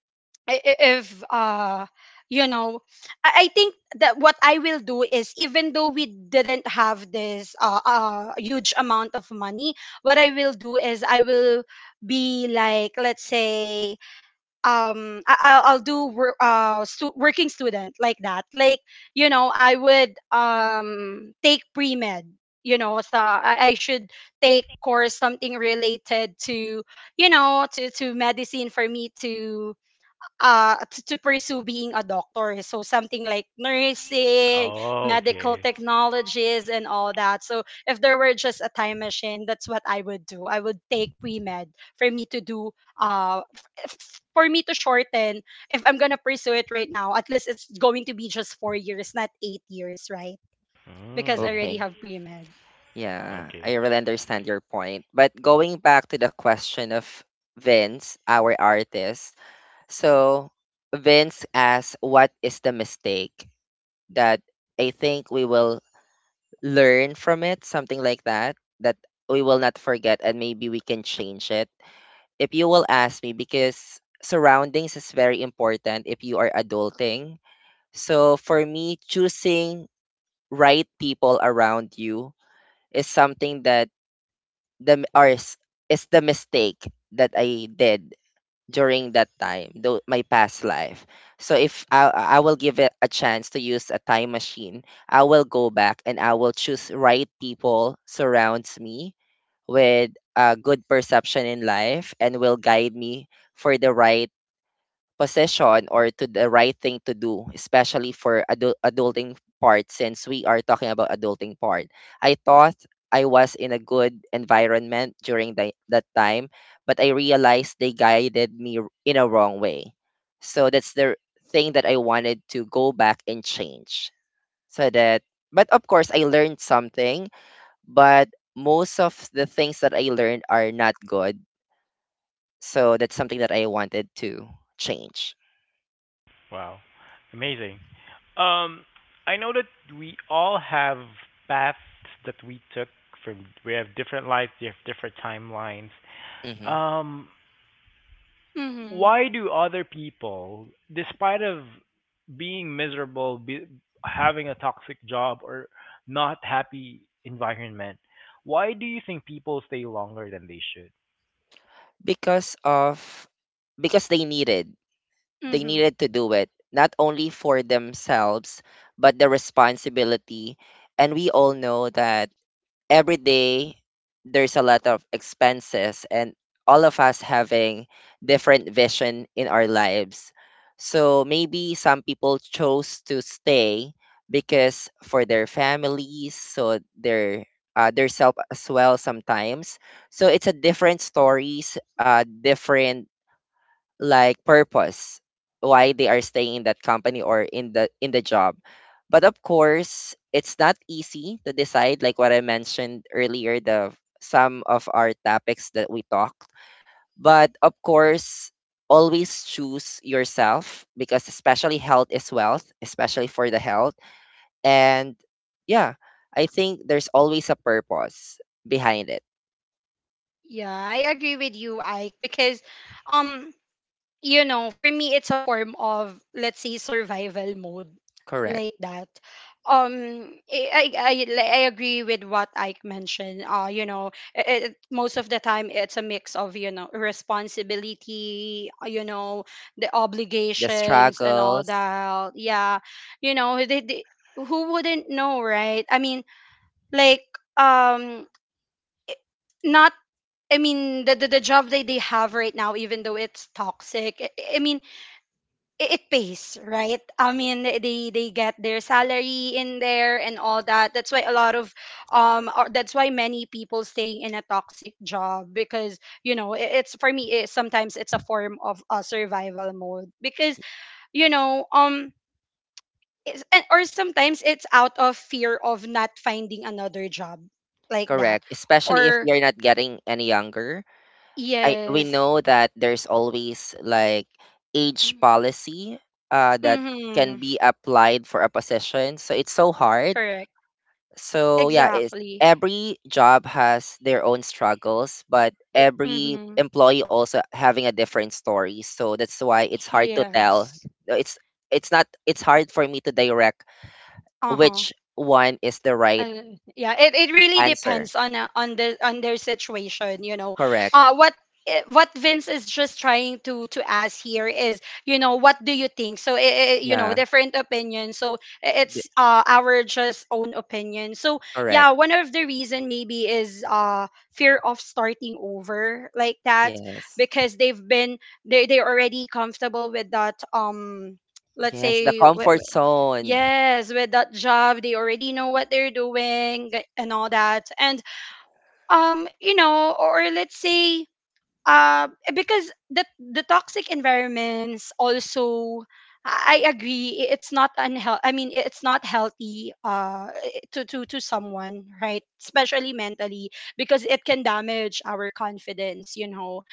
Speaker 3: I- if you know I think that what I will do is, even though we didn't have this huge amount of money, what I will do is I will be, like, let's say, I'll do working student, like that, like, I would take pre-med. So, I should take course something related to, medicine, for me to, to pursue being a doctor, so something like nursing,
Speaker 1: Oh,
Speaker 3: medical
Speaker 1: okay.
Speaker 3: technologies, and all that. So if there were just a time machine, that's what I would do. I would take pre-med for me to do, for me to shorten. If I'm gonna pursue it right now, at least it's going to be just 4 years, not 8 years, right? Because I
Speaker 1: Mm,
Speaker 3: already
Speaker 2: Okay.
Speaker 3: have pre-med.
Speaker 2: Yeah,
Speaker 1: okay.
Speaker 2: I really understand your point. But going back to the question of Vince, our artist. So Vince asks, what is the mistake that I think we will learn from it, something like that, that we will not forget and maybe we can change it. If you will ask me, because surroundings is very important if you are adulting. So for me, choosing right people around you is something that the or is, is the mistake that I did during that time, though my past life. So if I will give it a chance to use a time machine, I will go back and I will choose right people surrounds me with a good perception in life and will guide me for the right position or to the right thing to do, especially for adulting part since we are talking about adulting part. I thought I was in a good environment during that time, but I realized they guided me in a wrong way. So that's the thing that I wanted to go back and change. So that, but of course, I learned something, but most of the things that I learned are not good. So that's something that I wanted to change.
Speaker 1: Wow. Amazing. Um, I know that we all have paths that we took from. We have different lives. We have different timelines.
Speaker 2: Mm-hmm.
Speaker 1: Um,
Speaker 3: Mm-hmm.
Speaker 1: why do other people, despite of being miserable, having a toxic job or not happy environment, why do you think people stay longer than they should?
Speaker 2: because of because they needed
Speaker 3: Mm-hmm.
Speaker 2: to do it, not only for themselves, but the responsibility. And we all know that every day there's a lot of expenses, and all of us having different vision in our lives. So maybe some people chose to stay because for their families, so their self as well sometimes. So it's a different stories, different, like, purpose why they are staying in that company or in the job. But of course, it's not easy to decide, like what I mentioned earlier, the some of our topics that we talked. But of course, always choose yourself, because especially health is wealth, especially for the health. And yeah, I think there's always a purpose behind it.
Speaker 3: Yeah, I agree with you, Ike, because um for me, it's a form of, let's say, survival mode,
Speaker 2: Correct.
Speaker 3: like that. Um, I, I, I I agree with what Ike mentioned. Most of the time, it's a mix of, responsibility, the
Speaker 2: The
Speaker 3: obligations and all
Speaker 2: struggles.
Speaker 3: that. Yeah. You know, who wouldn't know, right? I mean, like, um, not, I mean, the job that they have right now, even though it's toxic, I mean, it pays, right? I mean, they get their salary in there and all that. That's why a lot of, or that's why many people staying in a toxic job, because it's, for me, it, sometimes it's a form of a survival mode, because you know um it's, and, or sometimes it's out of fear of not finding another job, like that.
Speaker 2: Correct, especially if
Speaker 3: Or,
Speaker 2: you're not getting any younger. I We
Speaker 3: yes.
Speaker 2: know that there's always, like, age policy that
Speaker 3: Mm-hmm.
Speaker 2: can be applied for a position. So it's so hard.
Speaker 3: Correct.
Speaker 2: So yeah, it's,
Speaker 3: Exactly.
Speaker 2: every job has their own struggles, but every
Speaker 3: Mm-hmm.
Speaker 2: employee also having a different story. So that's why it's hard to tell.
Speaker 3: Yes.
Speaker 2: It's it's not it's hard for me to direct
Speaker 3: Uh-huh.
Speaker 2: which one is the right
Speaker 3: Yeah, it really
Speaker 2: answer.
Speaker 3: depends on, on the on their situation, you know?
Speaker 2: Correct.
Speaker 3: uh what what Vince is just trying to ask here is, what do you think? So,
Speaker 2: Yeah.
Speaker 3: different opinions, so
Speaker 2: th-
Speaker 3: it's, our just own opinion. So yeah,
Speaker 2: Correct.
Speaker 3: one of the reason maybe is, fear of starting over, like that.
Speaker 2: Yes.
Speaker 3: Because they've been they they're already comfortable with that, let's
Speaker 2: Yes, the
Speaker 3: say.
Speaker 2: comfort zone.
Speaker 3: Yes, with that job, they already know what they're doing and all that. And, or, let's say, uh, because the toxic environments also, I agree, it's not unhealthy, I mean, it's not healthy, to someone, right? Especially mentally, because it can damage our confidence, you know.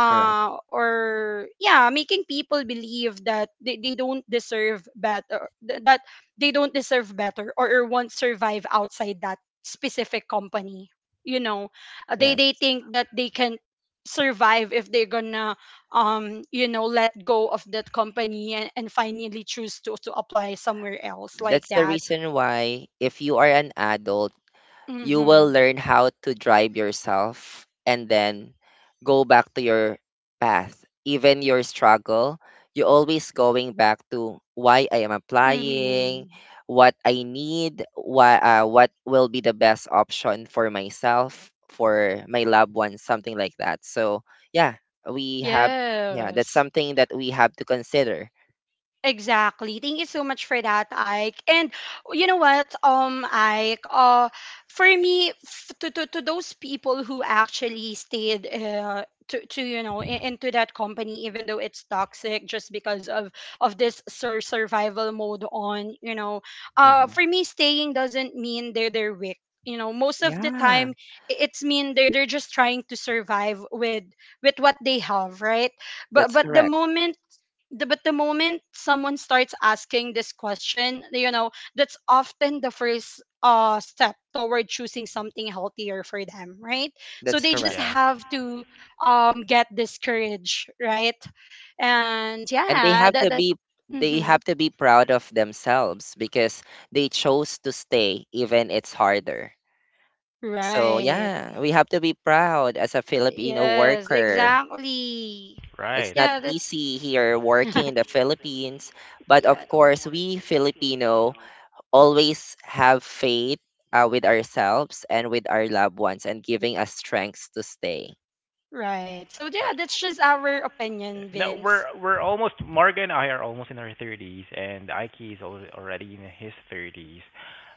Speaker 2: Correct.
Speaker 3: Or yeah, making people believe that they don't deserve better, or, won't survive outside that specific company, you know. They
Speaker 2: Yes.
Speaker 3: they think that they can survive if they're gonna, let go of that company, and finally choose to apply somewhere else, like
Speaker 2: That's the
Speaker 3: that.
Speaker 2: reason why if you are an adult, you will
Speaker 3: Mm-hmm.
Speaker 2: learn how to drive yourself and then go back to your path. Even your struggle, you're always going back to why I am applying,
Speaker 3: Mm-hmm.
Speaker 2: what I need, why, what will be the best option for myself, for my loved ones, something like that. So, yeah, we have, yeah, that's
Speaker 3: Yes.
Speaker 2: something that we have to consider.
Speaker 3: Exactly. Thank you so much for that, Ike. And, you know what, Ike, for me, to those people who actually stayed, to into that company, even though it's toxic, just because of this survival mode on, you know,
Speaker 2: Hmm.
Speaker 3: for me, staying doesn't mean they're weak. You know, most of the time,
Speaker 2: Yeah,
Speaker 3: it's mean they're just trying to survive with what they have, right?
Speaker 2: that's
Speaker 3: But the
Speaker 2: correct.
Speaker 3: moment the, but the moment someone starts asking this question, you know, that's often the first step toward choosing something healthier for them, right? So
Speaker 2: That's
Speaker 3: they just
Speaker 2: correct.
Speaker 1: Yeah,
Speaker 3: have to, get this courage, right? And
Speaker 2: And they
Speaker 3: yeah,
Speaker 2: have
Speaker 3: that,
Speaker 2: to
Speaker 3: that
Speaker 2: be
Speaker 3: mm-hmm.
Speaker 2: proud of themselves because they chose to stay even it's harder. So
Speaker 3: Right.
Speaker 2: yeah, we have to be proud as a Filipino
Speaker 3: Yes,
Speaker 2: worker.
Speaker 3: exactly.
Speaker 2: It's
Speaker 1: right,
Speaker 2: not
Speaker 3: Yeah,
Speaker 2: easy here working in the Philippines, but of
Speaker 3: yeah,
Speaker 2: course we Filipino always have faith with ourselves and with our loved ones and giving us strength to stay.
Speaker 3: right. So yeah,
Speaker 1: right.
Speaker 3: that's just our opinion,
Speaker 1: No,
Speaker 3: Vince.
Speaker 1: we're almost Marga and I are almost in our thirties, and Ike is already in his thirties.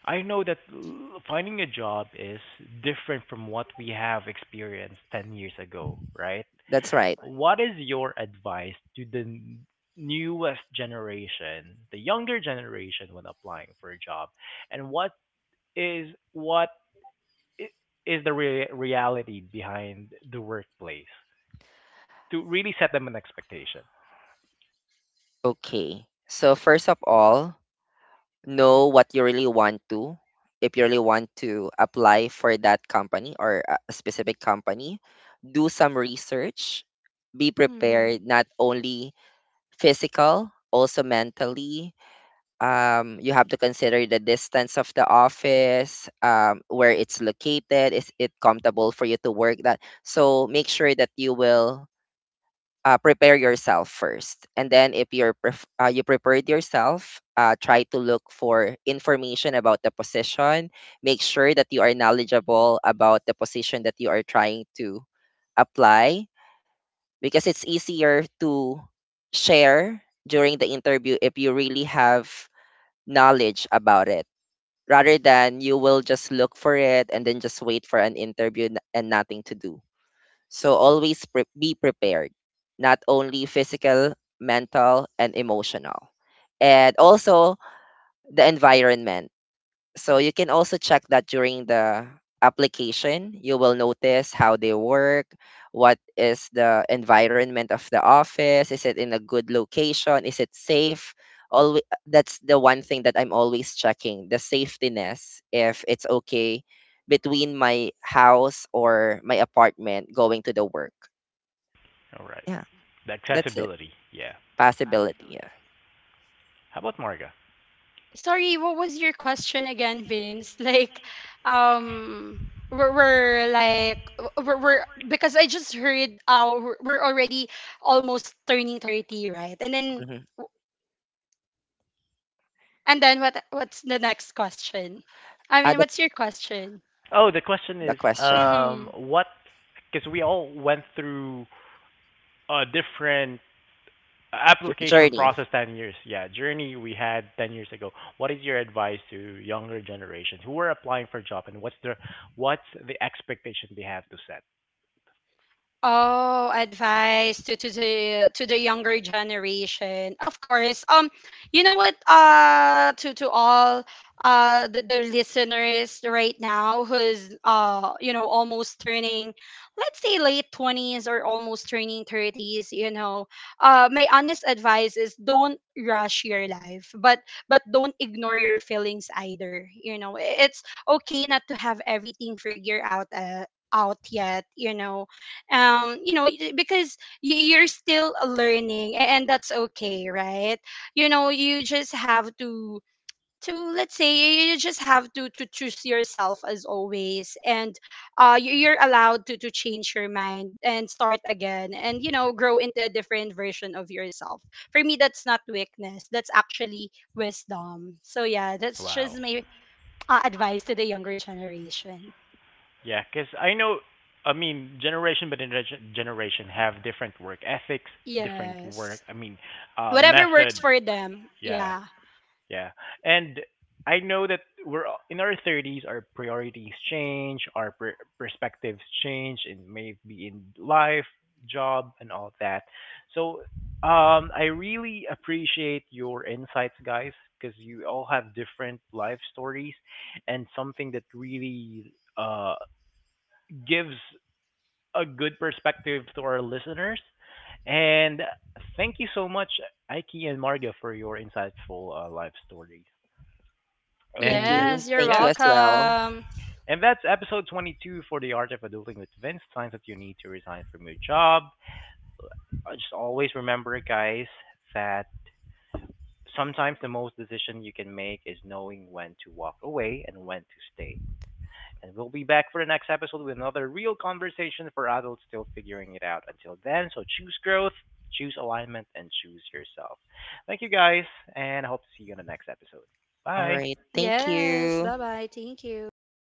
Speaker 1: I know that finding a job is different from what we have experienced 10 years ago, right?
Speaker 2: That's right.
Speaker 1: What is your advice to the newest generation, the younger generation when applying for a job? And what is what I- is the reality behind the workplace to really set them an expectation?
Speaker 2: Okay. So first of all, know what you really want to, if you really want to apply for that company or a specific company, do some research, be
Speaker 3: hmm
Speaker 2: prepared, not only physical, also mentally. You have to consider the distance of the office, where it's located, is it comfortable for you to work that? So make sure that you will prepare yourself first, and then if you're you prepared yourself, try to look for information about the position. Make sure that you are knowledgeable about the position that you are trying to apply, because it's easier to share during the interview if you really have knowledge about it, rather than you will just look for it and then just wait for an interview and nothing to do. So always be prepared, not only physical, mental, and emotional. And also the environment. So you can also check that during the application, you will notice how they work, what is the environment of the office, is it in a good location, is it safe? Always, that's the one thing that I'm always checking, the safetiness, if it's okay between my house or my apartment going to the work.
Speaker 1: All right.
Speaker 2: Yeah,
Speaker 1: The
Speaker 2: that's it.
Speaker 1: accessibility. Yeah.
Speaker 2: Possibility. Yeah.
Speaker 1: How about Marga?
Speaker 3: Sorry, what was your question again, Vince? Like, um, we're like, because I just heard, we're already almost turning 30, right? And then,
Speaker 2: Mm-hmm.
Speaker 3: what's the next question? I mean,
Speaker 2: Add up
Speaker 3: what's your question?
Speaker 1: Oh, the question
Speaker 2: the
Speaker 1: is
Speaker 2: question.
Speaker 3: Mm-hmm.
Speaker 1: what because we all went through a different application
Speaker 2: Journey.
Speaker 1: process 10 years. Yeah, journey we had 10 years ago. What is your advice to younger generations who are applying for a job and what's the expectation they have to set?
Speaker 3: Oh, advice to the younger generation. Of course. You know what? To all, the listeners right now, who's, almost turning, let's say, late twenties or almost turning thirties. You know, my honest advice is, don't rush your life, but don't ignore your feelings either. You know, it's okay not to have everything figured out yet, you know. Because you're still learning, and that's okay, right? You know you just have to to let's say, you just have to choose yourself as always. And you're allowed to change your mind and start again. And grow into a different version of yourself. For me, that's not weakness, that's actually wisdom. So yeah, that's
Speaker 1: Wow.
Speaker 3: just my advice to the younger generation.
Speaker 1: Yeah, cuz I know I mean generation by generation generation have different work ethics, different work,
Speaker 3: Yes,
Speaker 1: I mean
Speaker 3: whatever
Speaker 1: method.
Speaker 3: works for them.
Speaker 1: Yeah.
Speaker 3: Yeah.
Speaker 1: Yeah. And I know that in our 30s, our priorities change, our perspectives change, and maybe in life, job, and all that. So I really appreciate your insights, guys, because you all have different life stories and something that really gives a good perspective to our listeners. And thank you so much, Aiki and Marga, for your insightful life stories.
Speaker 2: Thank
Speaker 1: And
Speaker 2: you.
Speaker 3: Yes, you're
Speaker 2: Thank you
Speaker 1: yeah,
Speaker 2: as well.
Speaker 3: welcome.
Speaker 1: and that's episode 22 for the art of adulting with Vince. Signs that you need to resign from your job. Just always remember, guys, that sometimes the most decision you can make is knowing when to walk away and when to stay. And we'll be back for the next episode with another real conversation for adults still figuring it out. Until then, so choose growth, choose alignment, and choose yourself. Thank you guys, and I hope to see you in the next episode.
Speaker 2: All
Speaker 1: Bye.
Speaker 2: right. Thank
Speaker 3: Yes,
Speaker 2: you.
Speaker 3: bye bye. Thank you.